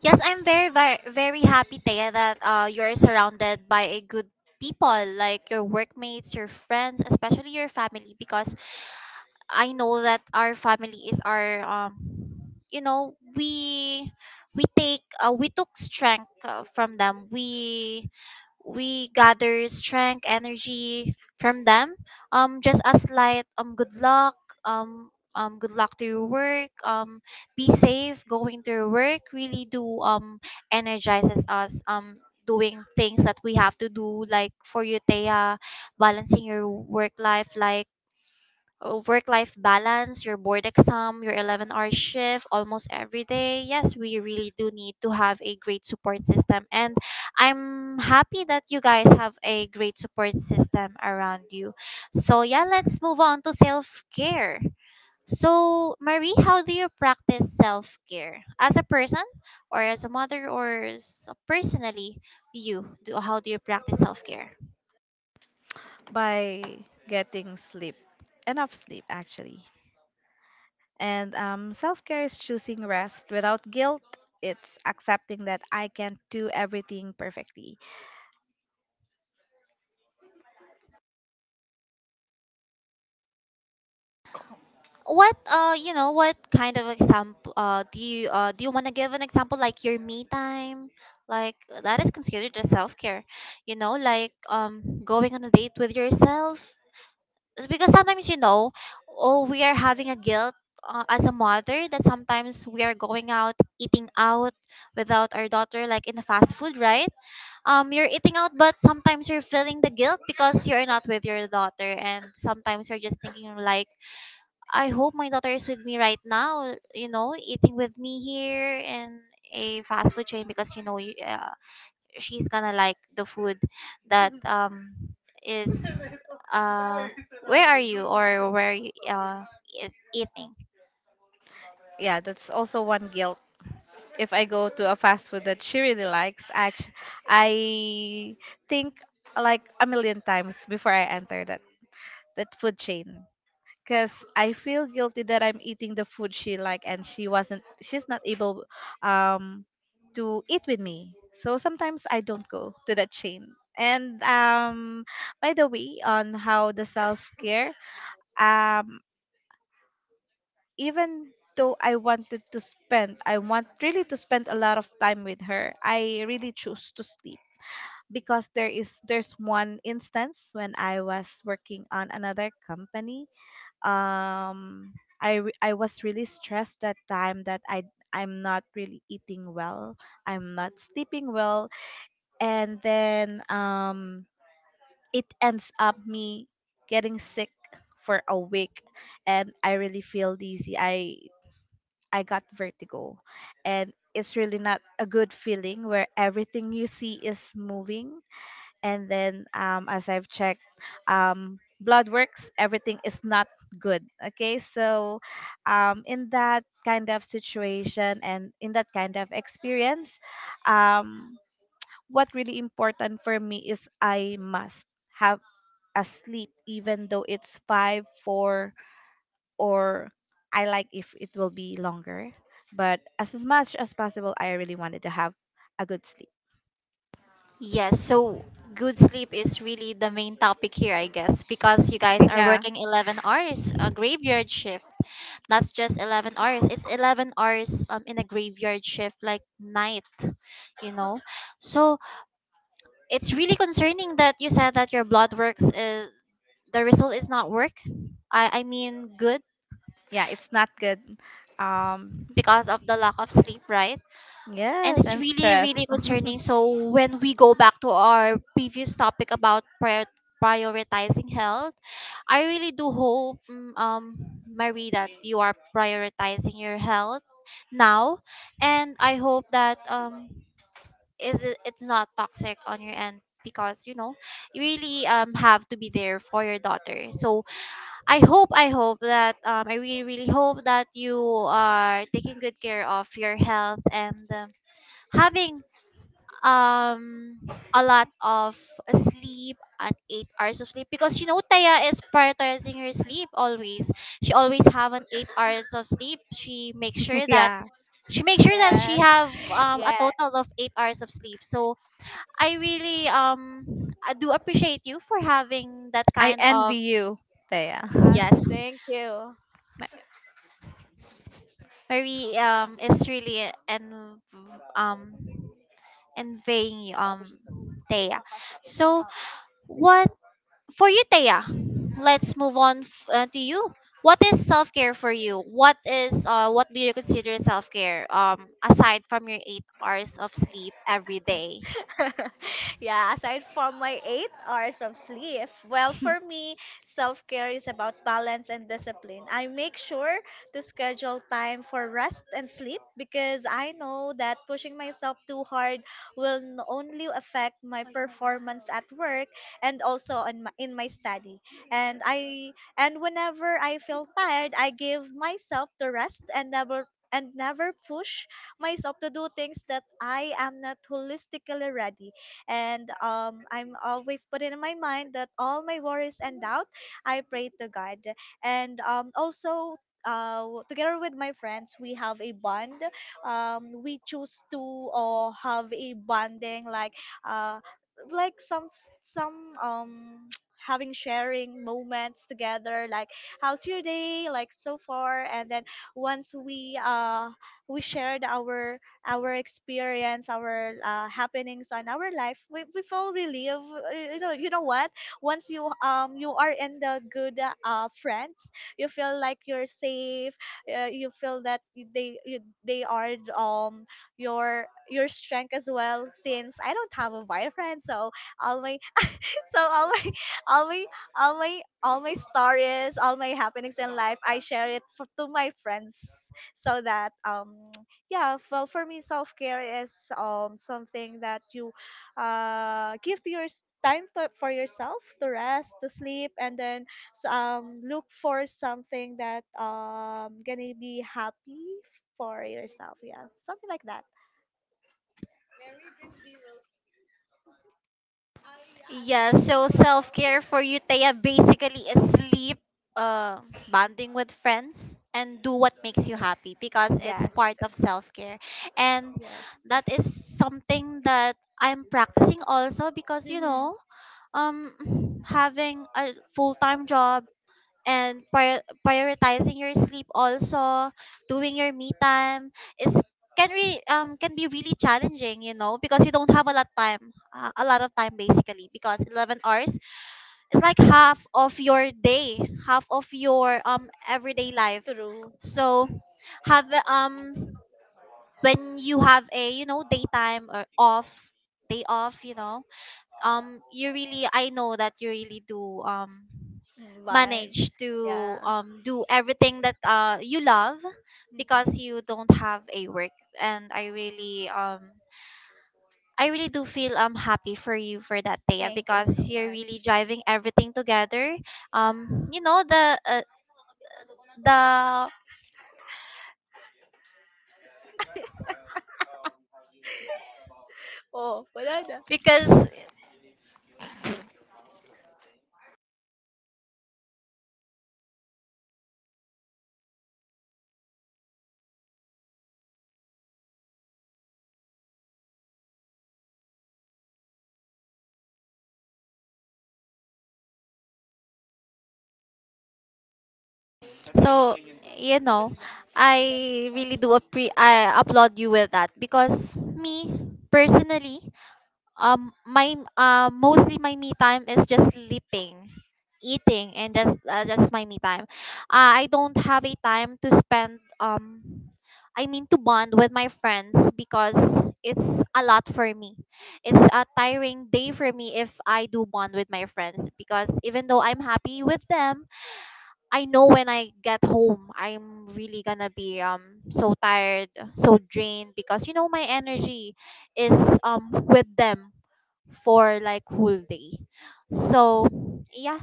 [SPEAKER 1] Yes, I'm very, very, very happy, Thea, that, you're surrounded by a good people like your workmates, your friends, especially your family, because I know that our family is our, you know, we take, we took strength, from them. We gather strength, energy from them. Just as light, um, good luck to your work. Be safe going to your work. Really do energizes us. Doing things that we have to do, like for you, Thea, balancing your work life, like work life balance, your board exam, your 11-hour shift almost every day. Yes, we really do need to have a great support system, and I'm happy that you guys have a great support system around you. So, yeah, let's move on to self care. So, Marie, how do you practice self care as a person or as a mother, or personally you? Do, how do you practice self care?
[SPEAKER 2] by getting sleep, enough sleep actually. And self-care is choosing rest without guilt. It's accepting that I can't do everything perfectly.
[SPEAKER 1] What, you know, what kind of example, do you, do you want to give? An example like your me time, like that is considered a self care, you know, like going on a date with yourself? It's because sometimes, you know, oh we are having a guilt, as a mother that sometimes we are going out eating out without our daughter like in the fast food, right? Um, you're eating out, but sometimes you're feeling the guilt because you're not with your daughter, and sometimes you're just thinking like, I hope my daughter is with me right now, you know, eating with me here in a fast food chain, because you know, she's gonna like the food that is, uh where are you, or where are you, e- eating?
[SPEAKER 2] Yeah, that's also one guilt. If I go to a fast food that she really likes, I think like a million times before I enter that food chain, because I feel guilty that I'm eating the food she like, and she wasn't, she's not able um to eat with me. So sometimes I don't go to that chain. And by the way, on how the self-care, um even though I wanted to spend, I want really to spend a lot of time with her, I really choose to sleep. Because there's one instance when I was working on another company, um I I was really stressed that time, that I'm not really eating well, I'm not sleeping well, and then it ends up me getting sick for a week. And I really feel dizzy, I got vertigo, and it's really not a good feeling where everything you see is moving. And then as I've checked, blood works, everything is not good. Okay, so in that kind of situation and in that kind of experience, um, what really important for me is I must have a sleep, even though it's five, four, or I like if it will be longer. But as much as possible, I really wanted to have a good sleep.
[SPEAKER 1] Yes, so good sleep is really the main topic here, I guess, because you guys are
[SPEAKER 2] Yeah,
[SPEAKER 1] working 11 hours, a graveyard shift. That's just 11 hours. It's 11 hours in a graveyard shift like night, you know. So it's really concerning that you said that your blood works is the result is not work. I mean good,
[SPEAKER 2] yeah, it's not good, um
[SPEAKER 1] because of the lack of sleep, right? And
[SPEAKER 2] yes,
[SPEAKER 1] it's
[SPEAKER 2] and
[SPEAKER 1] really,
[SPEAKER 2] stress.
[SPEAKER 1] really concerning. So when we go back to our previous topic about prioritizing health, I really do hope, Marie, that you are prioritizing your health now, and I hope that it's not toxic on your end because you know you really have to be there for your daughter. So I hope that I really really hope that you are taking good care of your health, and having um a lot of sleep and 8 hours of sleep, because you know, Taya is prioritizing her sleep always. She always have an 8 hours of sleep. she makes sure that
[SPEAKER 2] Yeah.
[SPEAKER 1] she makes sure that she
[SPEAKER 3] Yes.
[SPEAKER 1] have a
[SPEAKER 3] Yes.
[SPEAKER 1] total of 8 hours of sleep. So I really, I do appreciate you for having that
[SPEAKER 2] I
[SPEAKER 1] kind of.
[SPEAKER 2] envy you, Thea.
[SPEAKER 1] Yes.
[SPEAKER 3] Thank you.
[SPEAKER 1] Ma- Marie is really, and um envying you, Thea. So what for you, Thea? Let's move on to you. What is self care for you? What do you consider self care, aside from your 8 hours of sleep every day?
[SPEAKER 3] Yeah, aside from my 8 hours of sleep, well, for me, self care is about balance and discipline. I make sure to schedule time for rest and sleep because I know that pushing myself too hard will only affect my performance at work and also on in my study. And I and whenever I feel tired, I give myself the rest and never push myself to do things that I am not holistically ready. And I'm always putting in my mind that all my worries and doubt, I pray to God. And also, together with my friends, we have a bond. We choose to or have a bonding uh, like some having sharing moments together like how's your day like so far and then once we shared our experience, our happenings on our life. We've all relive. You know what? Once you you are in the good friends, you feel like you're safe. You feel that they are your strength as well. Since I don't have a boyfriend, so all my all my all my all my all my stories, all my happenings in life I share it to my friends so that yeah, well for me self-care is something that you give to your time to, for yourself to rest, to sleep, and then look for something that gonna be happy for yourself. Yeah, something like that.
[SPEAKER 1] Yeah, so self care for you, Thea, basically is sleep, uh, bonding with friends, and do what makes you happy, because it's
[SPEAKER 3] Yes,
[SPEAKER 1] part of self care. And
[SPEAKER 3] yes.
[SPEAKER 1] that is something that I'm practicing also because, you
[SPEAKER 3] Mm-hmm.
[SPEAKER 1] know, having a full time job and prioritizing your sleep, also doing your me time, is can be really challenging, you know, because you don't have a lot of time, basically, because 11 hours is like half of your day, half of your everyday life.
[SPEAKER 3] True.
[SPEAKER 1] So have a- um when you have a, you know, daytime or off day off, you know, you really I know that you really do
[SPEAKER 3] Mm. But
[SPEAKER 1] manage to,
[SPEAKER 3] yeah.
[SPEAKER 1] do everything that you love,
[SPEAKER 3] Mhm.
[SPEAKER 1] because you don't have a work. And I really do feel happy for you for that day,
[SPEAKER 3] Thank you so
[SPEAKER 1] because you're really
[SPEAKER 3] much.
[SPEAKER 1] driving everything together, you know, the
[SPEAKER 3] Oh, wala na.
[SPEAKER 1] because so, you know, I really do appre- I applaud you with that. Because me personally, my mostly my me time is just sleeping, eating, and just that's my me time. I don't have a time to spend, I mean, to bond with my friends, because it's a lot for me. It's a tiring day for me if I do bond with my friends, because even though I'm happy with them, I know when I get home, I'm really gonna be so tired, so drained, because you know my energy is with them for like whole day. So yeah,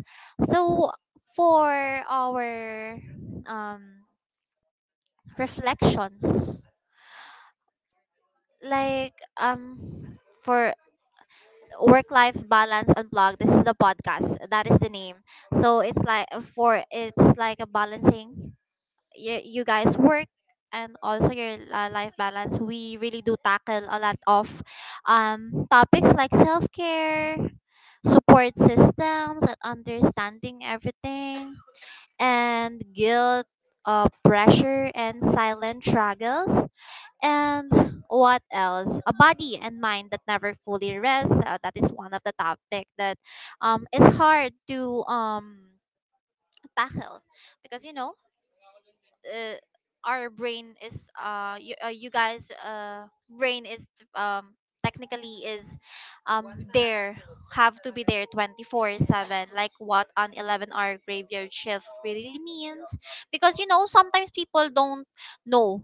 [SPEAKER 1] so for our um reflections, like um for work life balance unplugged. This is the podcast. That is the name. So it's like for it's like a balancing you, you guys work and also your life balance. We really do tackle a lot of, topics like self-care, support systems, and understanding everything, and guilt, pressure, and silent struggles, and what else, a body and mind that never fully rests. That is one of the topic that, is hard to, tackle, because you know, uh, our brain is you, you guys brain is um technically is um there, have to be there 24/7, like what an 11-hour graveyard shift really means. Because you know, sometimes people don't know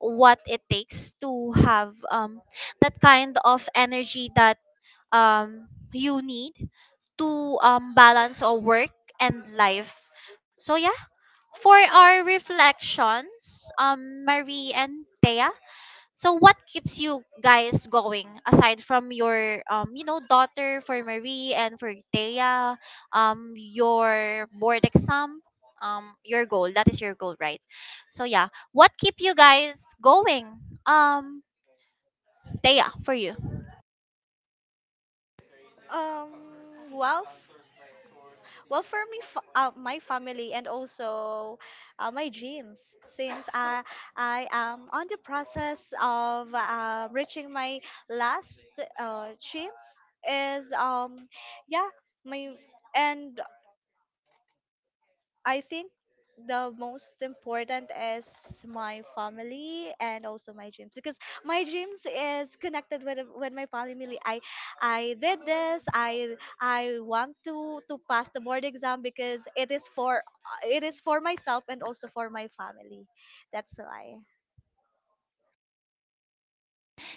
[SPEAKER 1] what it takes to have that kind of energy that you need to balance or work and life. So yeah, for our reflections, Marie and Thea, so what keeps you guys going aside from your, daughter for Marie, and for Thea, your board exam, your goal, that is your goal, right? So yeah, what keep you guys going? Um, Thea, for you.
[SPEAKER 3] Wow. Well, for me, my family and also my dreams, since I am on the process of reaching my last dreams is yeah my and I think the most important is my family and also my dreams because my dreams is connected with my family. I did this, I want to pass the board exam because it is for, it is for myself and also for my family. That's why,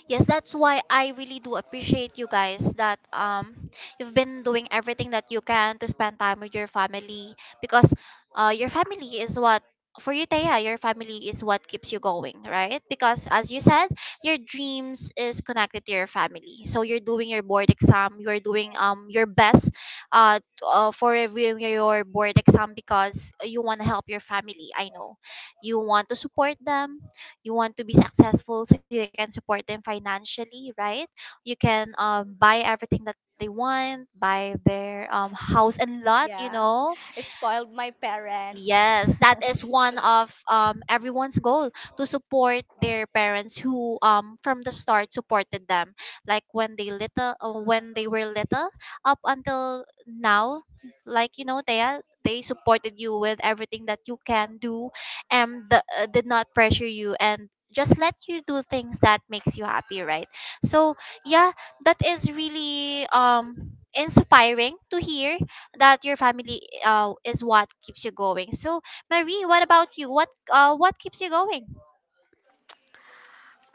[SPEAKER 1] Yes, that's why I really do appreciate you guys, that you've been doing everything that you can to spend time with your family, because your family is what for you, Taya. Your family is what keeps you going, right? Because as you said, your dreams is connected to your family. So you're doing your board exam, you're doing your best, for reviewing your board exam, because you want to help your family. I know you want to support them, you want to be successful so you can support them financially, right? You can buy everything that they want, buy their house and lot, you
[SPEAKER 3] yeah,
[SPEAKER 1] know.
[SPEAKER 3] I spoiled my parents.
[SPEAKER 1] Yes, that is one of everyone's goal, to support their parents who from the start supported them, like when they were little up until now. Like, you know, they supported you with everything that you can do, and did not pressure you, and just let you do things that makes you happy, right? So yeah, that is really inspiring to hear, that your family is what keeps you going. So, Marie, what about you? What keeps you going?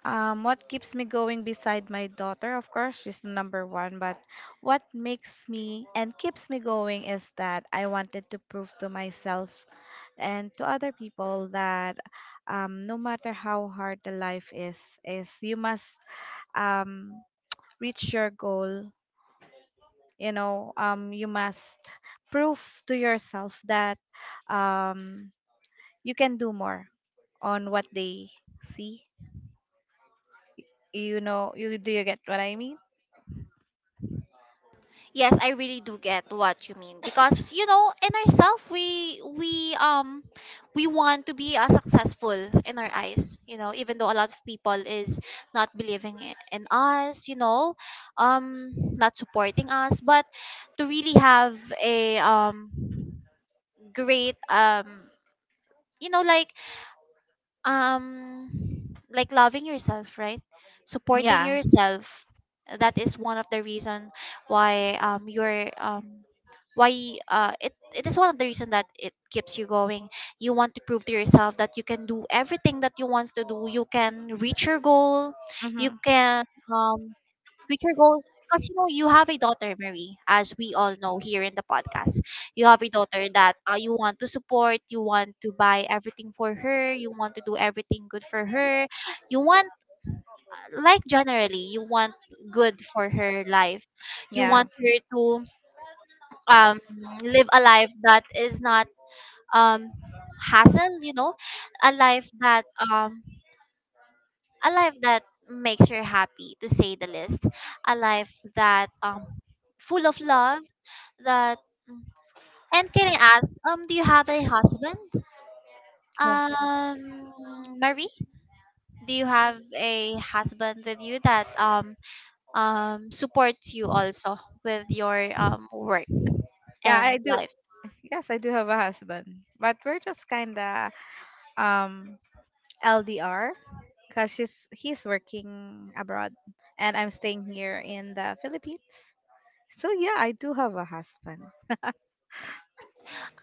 [SPEAKER 2] What keeps me going beside my daughter? Of course, she's the number one, but what makes me and keeps me going is that I wanted to prove to myself and to other people that, no matter how hard the life is, you must, um, reach your goal, you know, you must prove to yourself that, um, you can do more on what they see, you know, you do you get what I mean?
[SPEAKER 1] Yes, I really do get what you mean, because you know, in ourselves, we want to be, successful in our eyes. You know, even though a lot of people is not believing in us. You know, not supporting us. But to really have a, great, you know, um like loving yourself, right? Supporting, yeah,
[SPEAKER 2] Yeah.
[SPEAKER 1] yourself, that is one of the reason why, it is one of the reason that it keeps you going. You want to prove to yourself that you can do everything that you want to do. You can reach your goal, you
[SPEAKER 2] Mm-hmm.
[SPEAKER 1] can um future goals, because you know you have a daughter, Marie, as we all know here in the podcast. You have a daughter that, you want to support, you want to buy everything for her, you want to do everything good for her, you want, like, generally you want good for her life. You
[SPEAKER 2] Yeah.
[SPEAKER 1] want her to um live a life that is not um hassle, you know, a life that, a life that makes her happy, to say the least. A life that, full of love, that, mm, and can I ask, do you have a husband,
[SPEAKER 2] Oh.
[SPEAKER 1] um Marie? Do you have a husband with you that, supports you also with your work
[SPEAKER 2] Yeah,
[SPEAKER 1] and
[SPEAKER 2] I do.
[SPEAKER 1] life?
[SPEAKER 2] Yes, I do have a husband, but we're just kinda, um LDR, because she's he's working abroad and I'm staying here in the Philippines. So yeah, I do have a husband.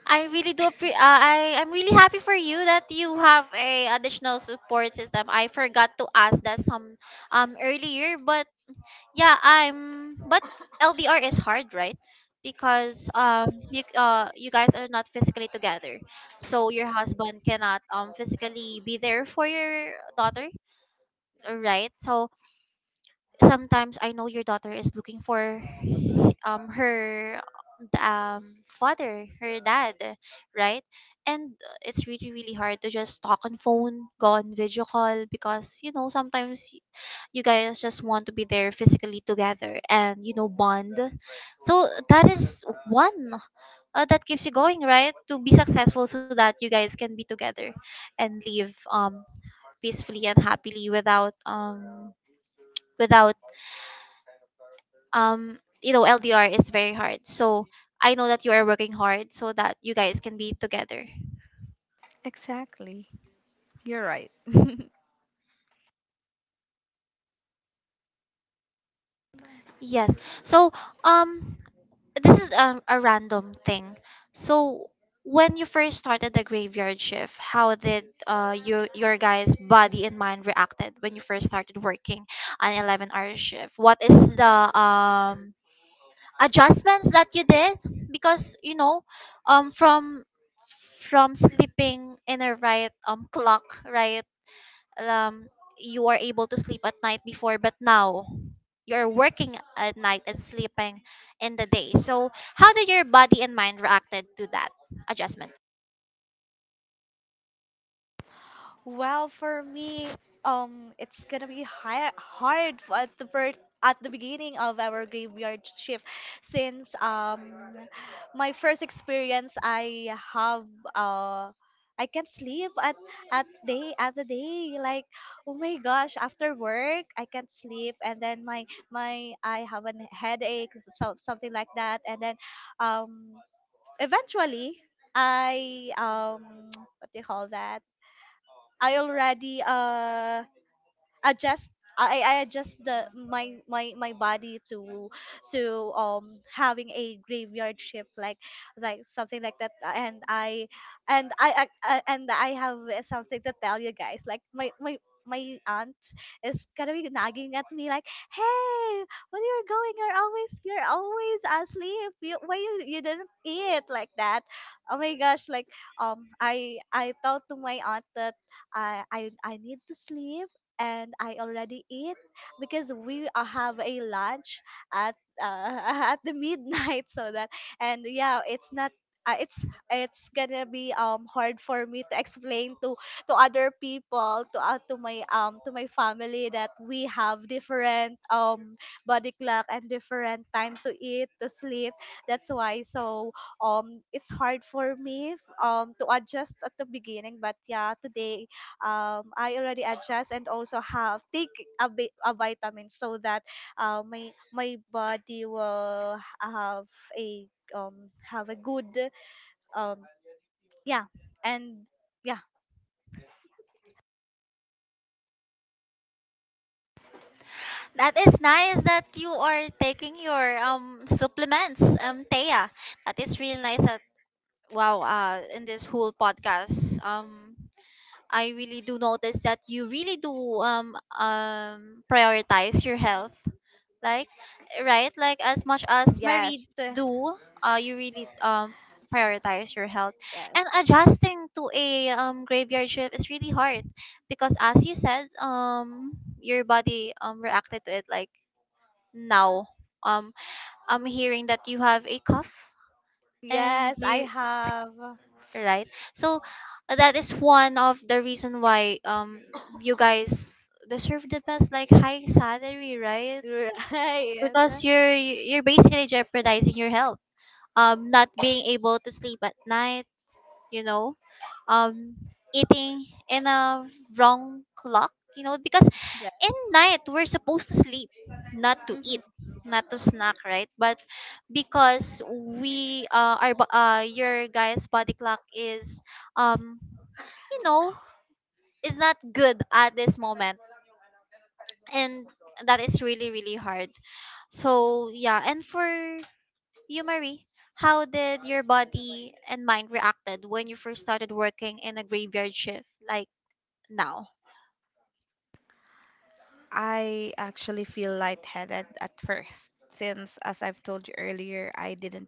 [SPEAKER 1] I really do. I'm really happy for you that you have a additional support system. I forgot to ask that some earlier, but. Yeah, I'm. But LDR is hard, right? Because, you guys are not physically together, so your husband cannot physically be there for your daughter, right? So sometimes I know your daughter is looking for her father, her dad, right? And it's really really hard to just talk on phone, go on video call, because you know, sometimes you guys just want to be there physically together, and you know, bond. So that is one that keeps you going, right? To be successful so that you guys can be together and live peacefully and happily, without, without you know, LDR is very hard. So I know that you are working hard so that you guys can be together.
[SPEAKER 2] Exactly. You're right.
[SPEAKER 1] Yes, so um this is, a random thing. So when you first started the graveyard shift, how did your guys' body and mind reacted when you first started working an 11 hour shift? What is the adjustments that you did? Because you know, um from from sleeping in a right clock, right? um you are able to sleep at night before, but now you're working at night and sleeping in the day. So how did your body and mind reacted to that adjustment?
[SPEAKER 3] Well, for me, it's gonna be hard for at the birth at the beginning of our graveyard shift, since my first experience, I have uh, I can't sleep at day at the day. Like, oh my gosh, after work I can't sleep, and then my I have a headache, so something like that, and then um, eventually I what do you call that? I already adjust I adjust the my my my body to to having a graveyard shift like something like that and I have something to tell you guys like my aunt is gonna be nagging at me like, hey, when you're going you're always, you're always asleep, you, why you, you didn't eat like that, oh my gosh, like I told to my aunt that I need to sleep and I already eat because we have a lunch at at the midnight so that, and yeah it's not it's it's gonna be hard for me to explain to other people, to my family that we have different body clock and different time to eat, to sleep, that's why. So it's hard for me to adjust at the beginning but yeah today I already adjust and also have take a, a vitamin so that my my body will a have a good um yeah and yeah
[SPEAKER 1] That is nice that you are taking your supplements, Thea. That is really nice that wow, in this whole podcast I really do notice that you really do prioritize your health, like right, like as much as Marie
[SPEAKER 3] yes
[SPEAKER 1] do. You really prioritize your health,
[SPEAKER 3] yes
[SPEAKER 1] and adjusting to a graveyard shift is really hard because, as you said, your body reacted to it. Like now um I'm hearing that you have a cough, and
[SPEAKER 3] yes I
[SPEAKER 1] you
[SPEAKER 3] have.
[SPEAKER 1] right? So that is one of the reason why you guys deserve the best, like high salary, right?
[SPEAKER 3] Right.
[SPEAKER 1] Because you're basically jeopardizing your health, not being able to sleep at night, you know, um eating in a wrong clock, you know, because
[SPEAKER 3] Yes.
[SPEAKER 1] in night we're supposed to sleep, not to
[SPEAKER 3] Mm-hmm.
[SPEAKER 1] eat, not to snack, right? But because we our your guy's body clock is um you know is not good at this moment, and that is really, really hard. So yeah. And for you, Marie, how did your body and mind reacted when you first started working in a graveyard shift like now?
[SPEAKER 2] I actually feel lightheaded at first, since as I've told you earlier, I didn't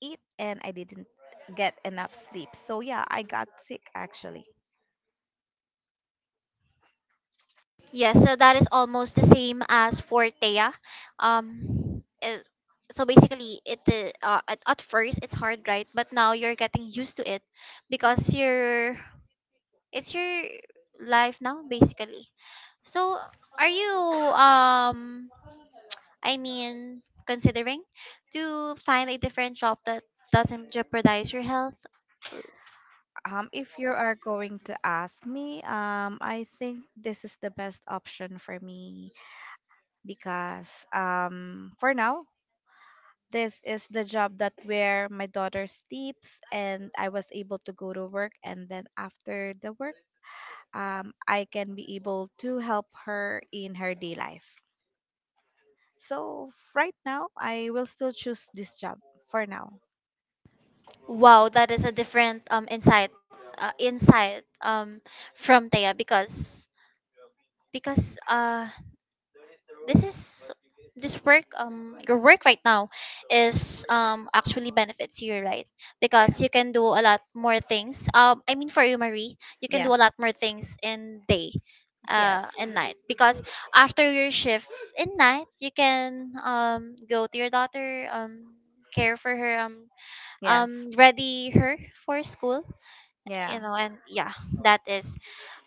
[SPEAKER 2] eat and I didn't get enough sleep. So yeah, I got sick actually.
[SPEAKER 1] Yes, so that is almost the same as for Thea. It, so basically, at first it's hard, right? But now you're getting used to it because you're it's your life now, basically. So, are you um I mean, considering to find a different shop that doesn't jeopardize your health?
[SPEAKER 2] Um, if you are going to ask me, I think this is the best option for me, because for now, this is the job that where my daughter sleeps and I was able to go to work. And then after the work, I can be able to help her in her day life. So right now, I will still choose this job for now.
[SPEAKER 1] Wow, that is a different insight, insight from Thea, because because this is this work your work right now is actually benefits you, right? Because you can do a lot more things, I mean for you Marie, you can do
[SPEAKER 2] Yes,
[SPEAKER 1] a lot more things in day
[SPEAKER 2] yes,
[SPEAKER 1] and night, because after your shift in night you can go to your daughter, care for her,
[SPEAKER 2] yes,
[SPEAKER 1] ready her for school, you
[SPEAKER 2] yeah.
[SPEAKER 1] know. And yeah, that is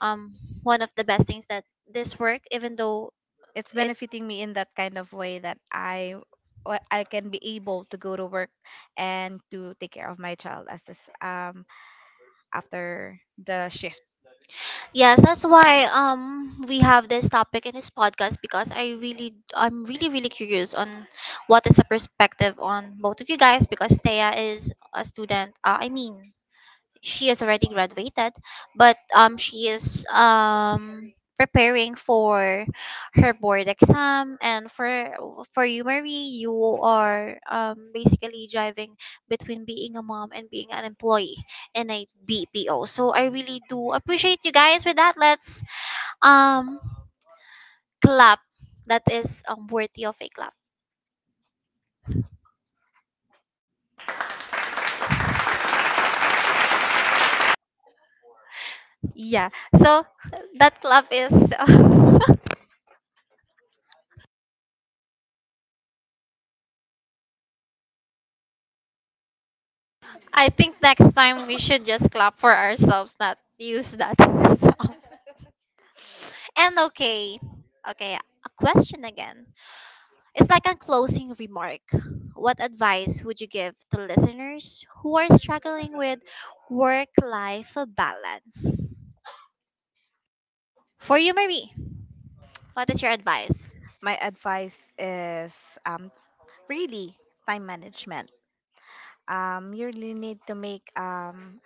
[SPEAKER 1] um one of the best things that this work, even though
[SPEAKER 2] It's
[SPEAKER 1] it's,
[SPEAKER 2] benefiting me in that kind of way, that I can be able to go to work and to take care of my child as this after the shift.
[SPEAKER 1] yes, that's why we have this topic in this podcast, because I'm really, really curious on what is the perspective on both of you guys, because Thea is a student, I mean, she has already graduated, but she is preparing for her board exam. And for you Marie, you are basically driving between being a mom and being an employee in a BPO. So I really do appreciate you guys with that. Let's um clap. That is worthy of a clap. Yeah. So that clap is I think next time we should just clap for ourselves, not use that song. And okay, okay, a question again. It's like a closing remark. What advice would you give to listeners who are struggling with work life balance? For you, Marie, what is your advice?
[SPEAKER 2] My advice is, um, really time management. You really need to make,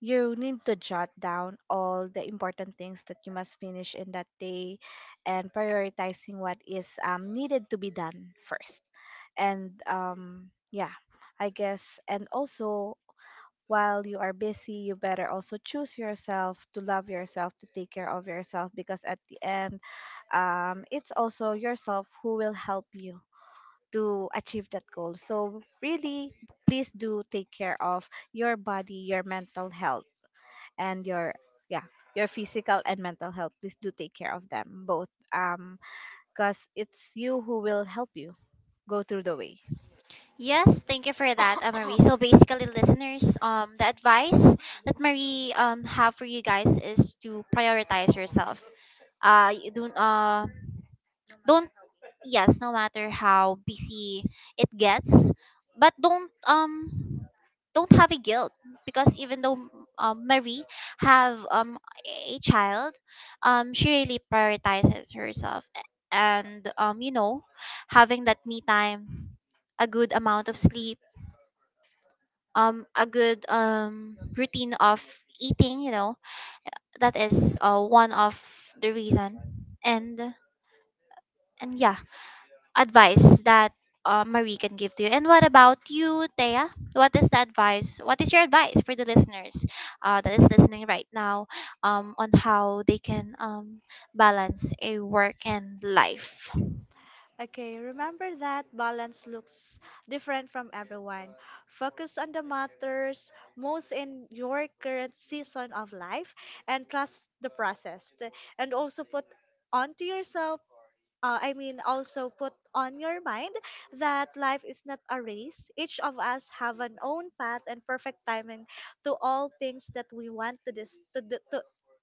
[SPEAKER 2] you need to jot down all the important things that you must finish in that day, and prioritizing what is, needed to be done first. And yeah, I guess, and also while you are busy, you better also choose yourself, to love yourself, to take care of yourself, because at the end, it's also yourself who will help you to achieve that goal. So really, please do take care of your body, your mental health, and your, yeah, your physical and mental health. Please do take care of them both, because it's you who will help you go through the way.
[SPEAKER 1] Yes, thank you for that, Marie. So basically, listeners, the advice that Marie have for you guys is to prioritize yourself. You don't, don't, yes, no matter how busy it gets, but don't have a guilt, because even though Marie have a child, she really prioritizes herself, and you know, having that me time, a good amount of sleep, a good routine of eating, you know, that is one of the reason and and yeah, advice that Marie can give to you. And what about you, Thea? What is the advice? What is your advice for the listeners that is listening right now, on how they can balance a work and life?
[SPEAKER 3] Okay, remember that balance looks different from everyone. Focus on the matters most in your current season of life and trust the process. And also put onto yourself I mean, also put on your mind that life is not a race. Each of us have an own path and perfect timing to all things that we want to this to, to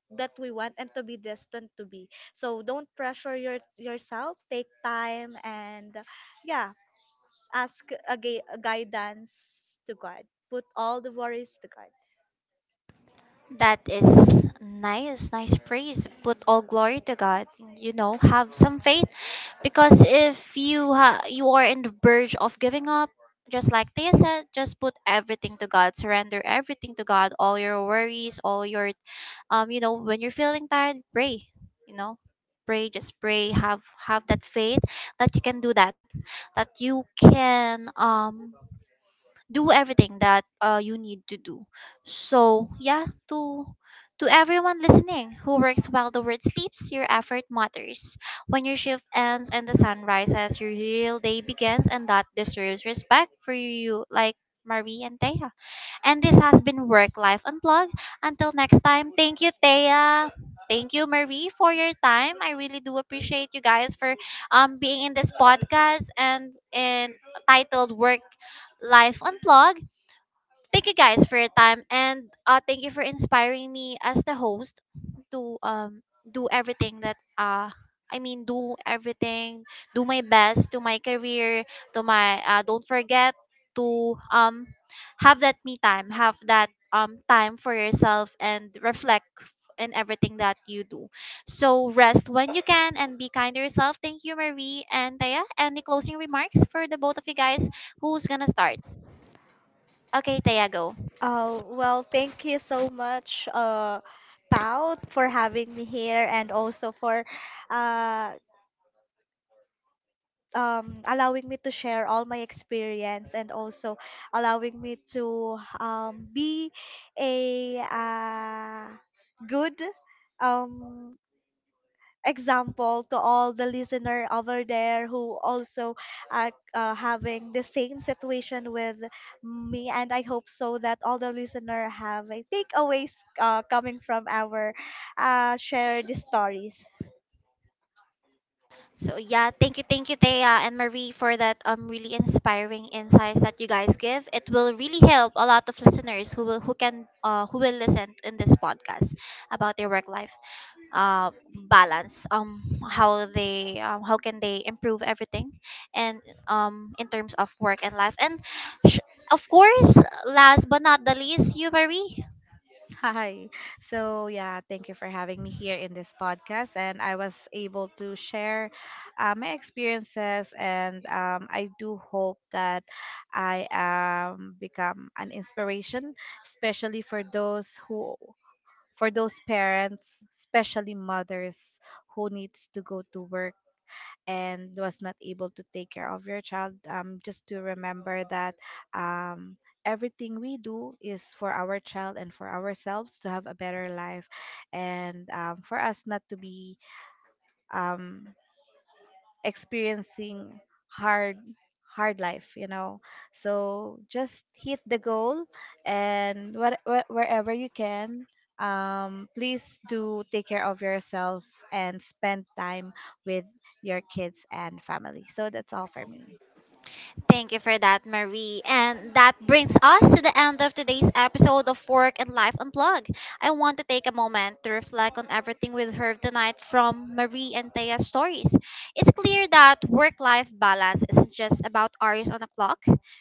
[SPEAKER 3] that we want and to be destined to be. So don't pressure your yourself. Take time and yeah, ask a, a guidance to God. Put all the worries to God.
[SPEAKER 1] That is nice, nice praise. Put all glory to God. You know, have some faith, because if you you are in the verge of giving up, just like Thea said, just put everything to God, surrender everything to God, all your worries, all your you know, when you're feeling tired, pray, you know, pray, just pray, have that faith that you can do that, that you can do everything that you need to do. So yeah, to everyone listening who works while the world sleeps, your effort matters. When your shift ends and the sun rises, your real day begins, and that deserves respect for you, like Marie and Teja. And this has been Work Life Unplugged. Until next time, thank you, Thea. Thank you, Marie, for your time. I really do appreciate you guys for being in this podcast and in titled Work Life Unplugged. Thank you guys for your time, and thank you for inspiring me as the host to do everything that I mean, do everything, do my best to my career, to my don't forget to have that me time, have that time for yourself and reflect in everything that you do. So rest when you can and be kind to yourself. Thank you, Marie and Taya. Any closing remarks for the both of you guys? Who's gonna start? Okay, Taya, go.
[SPEAKER 3] Oh well, thank you so much, Pao, for having me here and also for uh allowing me to share all my experience and also allowing me to be a good um, example to all the listener over there who also are having the same situation with me and I hope so that all the listener have a takeaways coming from our shared stories.
[SPEAKER 1] So yeah, thank you, Thea and Marie for that really inspiring insights that you guys give. It will really help a lot of listeners who will, who will listen in this podcast about their work life uh balance, how they how can they improve everything and in terms of work and life, and sh- of course last but not the least, you Marie.
[SPEAKER 2] Hi. So yeah, thank you for having me here in this podcast. And I was able to share my experiences. And I do hope that I, become an inspiration, especially for those who, for those parents, especially mothers who needs to go to work and was not able to take care of your child, just to remember that, um, everything we do is for our child and for ourselves to have a better life, and for us not to be, um, experiencing hard hard life, you know. So just hit the goal, and what, wherever you can, please do take care of yourself and spend time with your kids and family. So that's all for me.
[SPEAKER 1] Thank you for that, Marie. And that brings us to the end of today's episode of Work and Life Unplugged. I want to take a moment to reflect on everything we've heard tonight from Marie and Thea's stories. It's clear that work life balance isn't just about hours on a clock,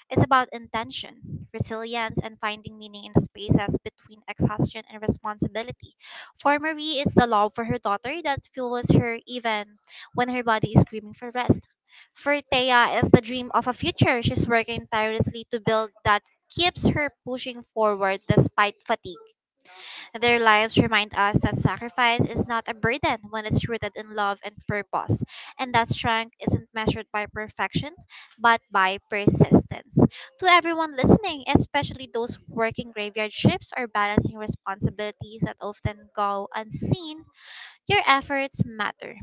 [SPEAKER 1] it's about intention, resilience, and finding meaning in the spaces between exhaustion and responsibility. For Marie, it's the love for her daughter that fuels her even when her body is screaming for rest. For Thea, it's the dream of a future she's working tirelessly to build that keeps her pushing forward despite fatigue. Their lives remind us that sacrifice is not a burden when it's rooted in love and purpose, and that strength isn't measured by perfection but by persistence. To everyone listening, especially those working graveyard shifts or balancing responsibilities that often go unseen, your efforts matter.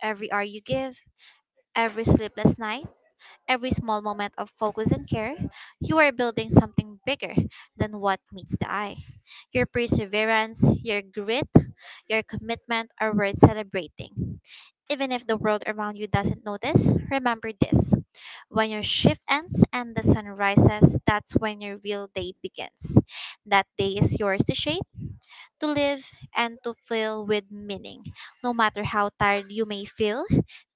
[SPEAKER 1] Every hour you give, every sleepless night, every small moment of focus and care, you are building something bigger than what meets the eye. Your perseverance, your grit, your commitment are worth celebrating. Even if the world around you doesn't notice, remember this. When your shift ends and the sun rises, that's when your real day begins. That day is yours to shape, to live, and to fill with meaning. No matter how tired you may feel,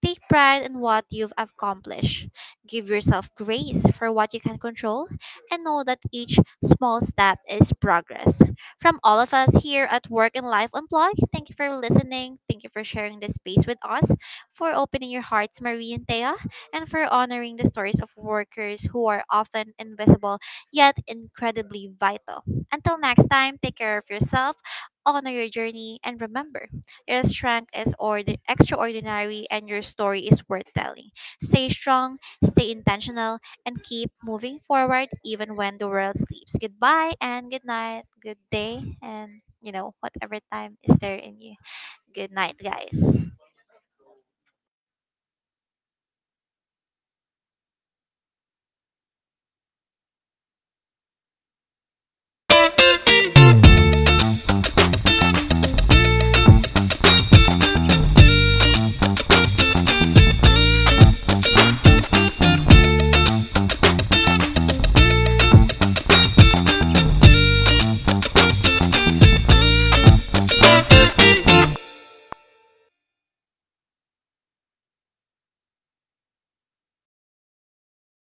[SPEAKER 1] take pride in what you've accomplished. Give yourself grace for what you can control, and know that each small step is progress. From all of us here at Work and Life Unplugged, thank you for listening. Thank you for sharing this space with us, for opening your hearts, Marie and Thea, and for honoring the stories of workers who are often invisible yet incredibly vital. Until next time, take care of yourself, honor your journey, and remember, your strength is extraordinary and your story is worth telling. Stay strong, stay intentional, and keep moving forward even when the world sleeps. Goodbye and good night, good day, and you know, whatever time is there in you. Good night, guys.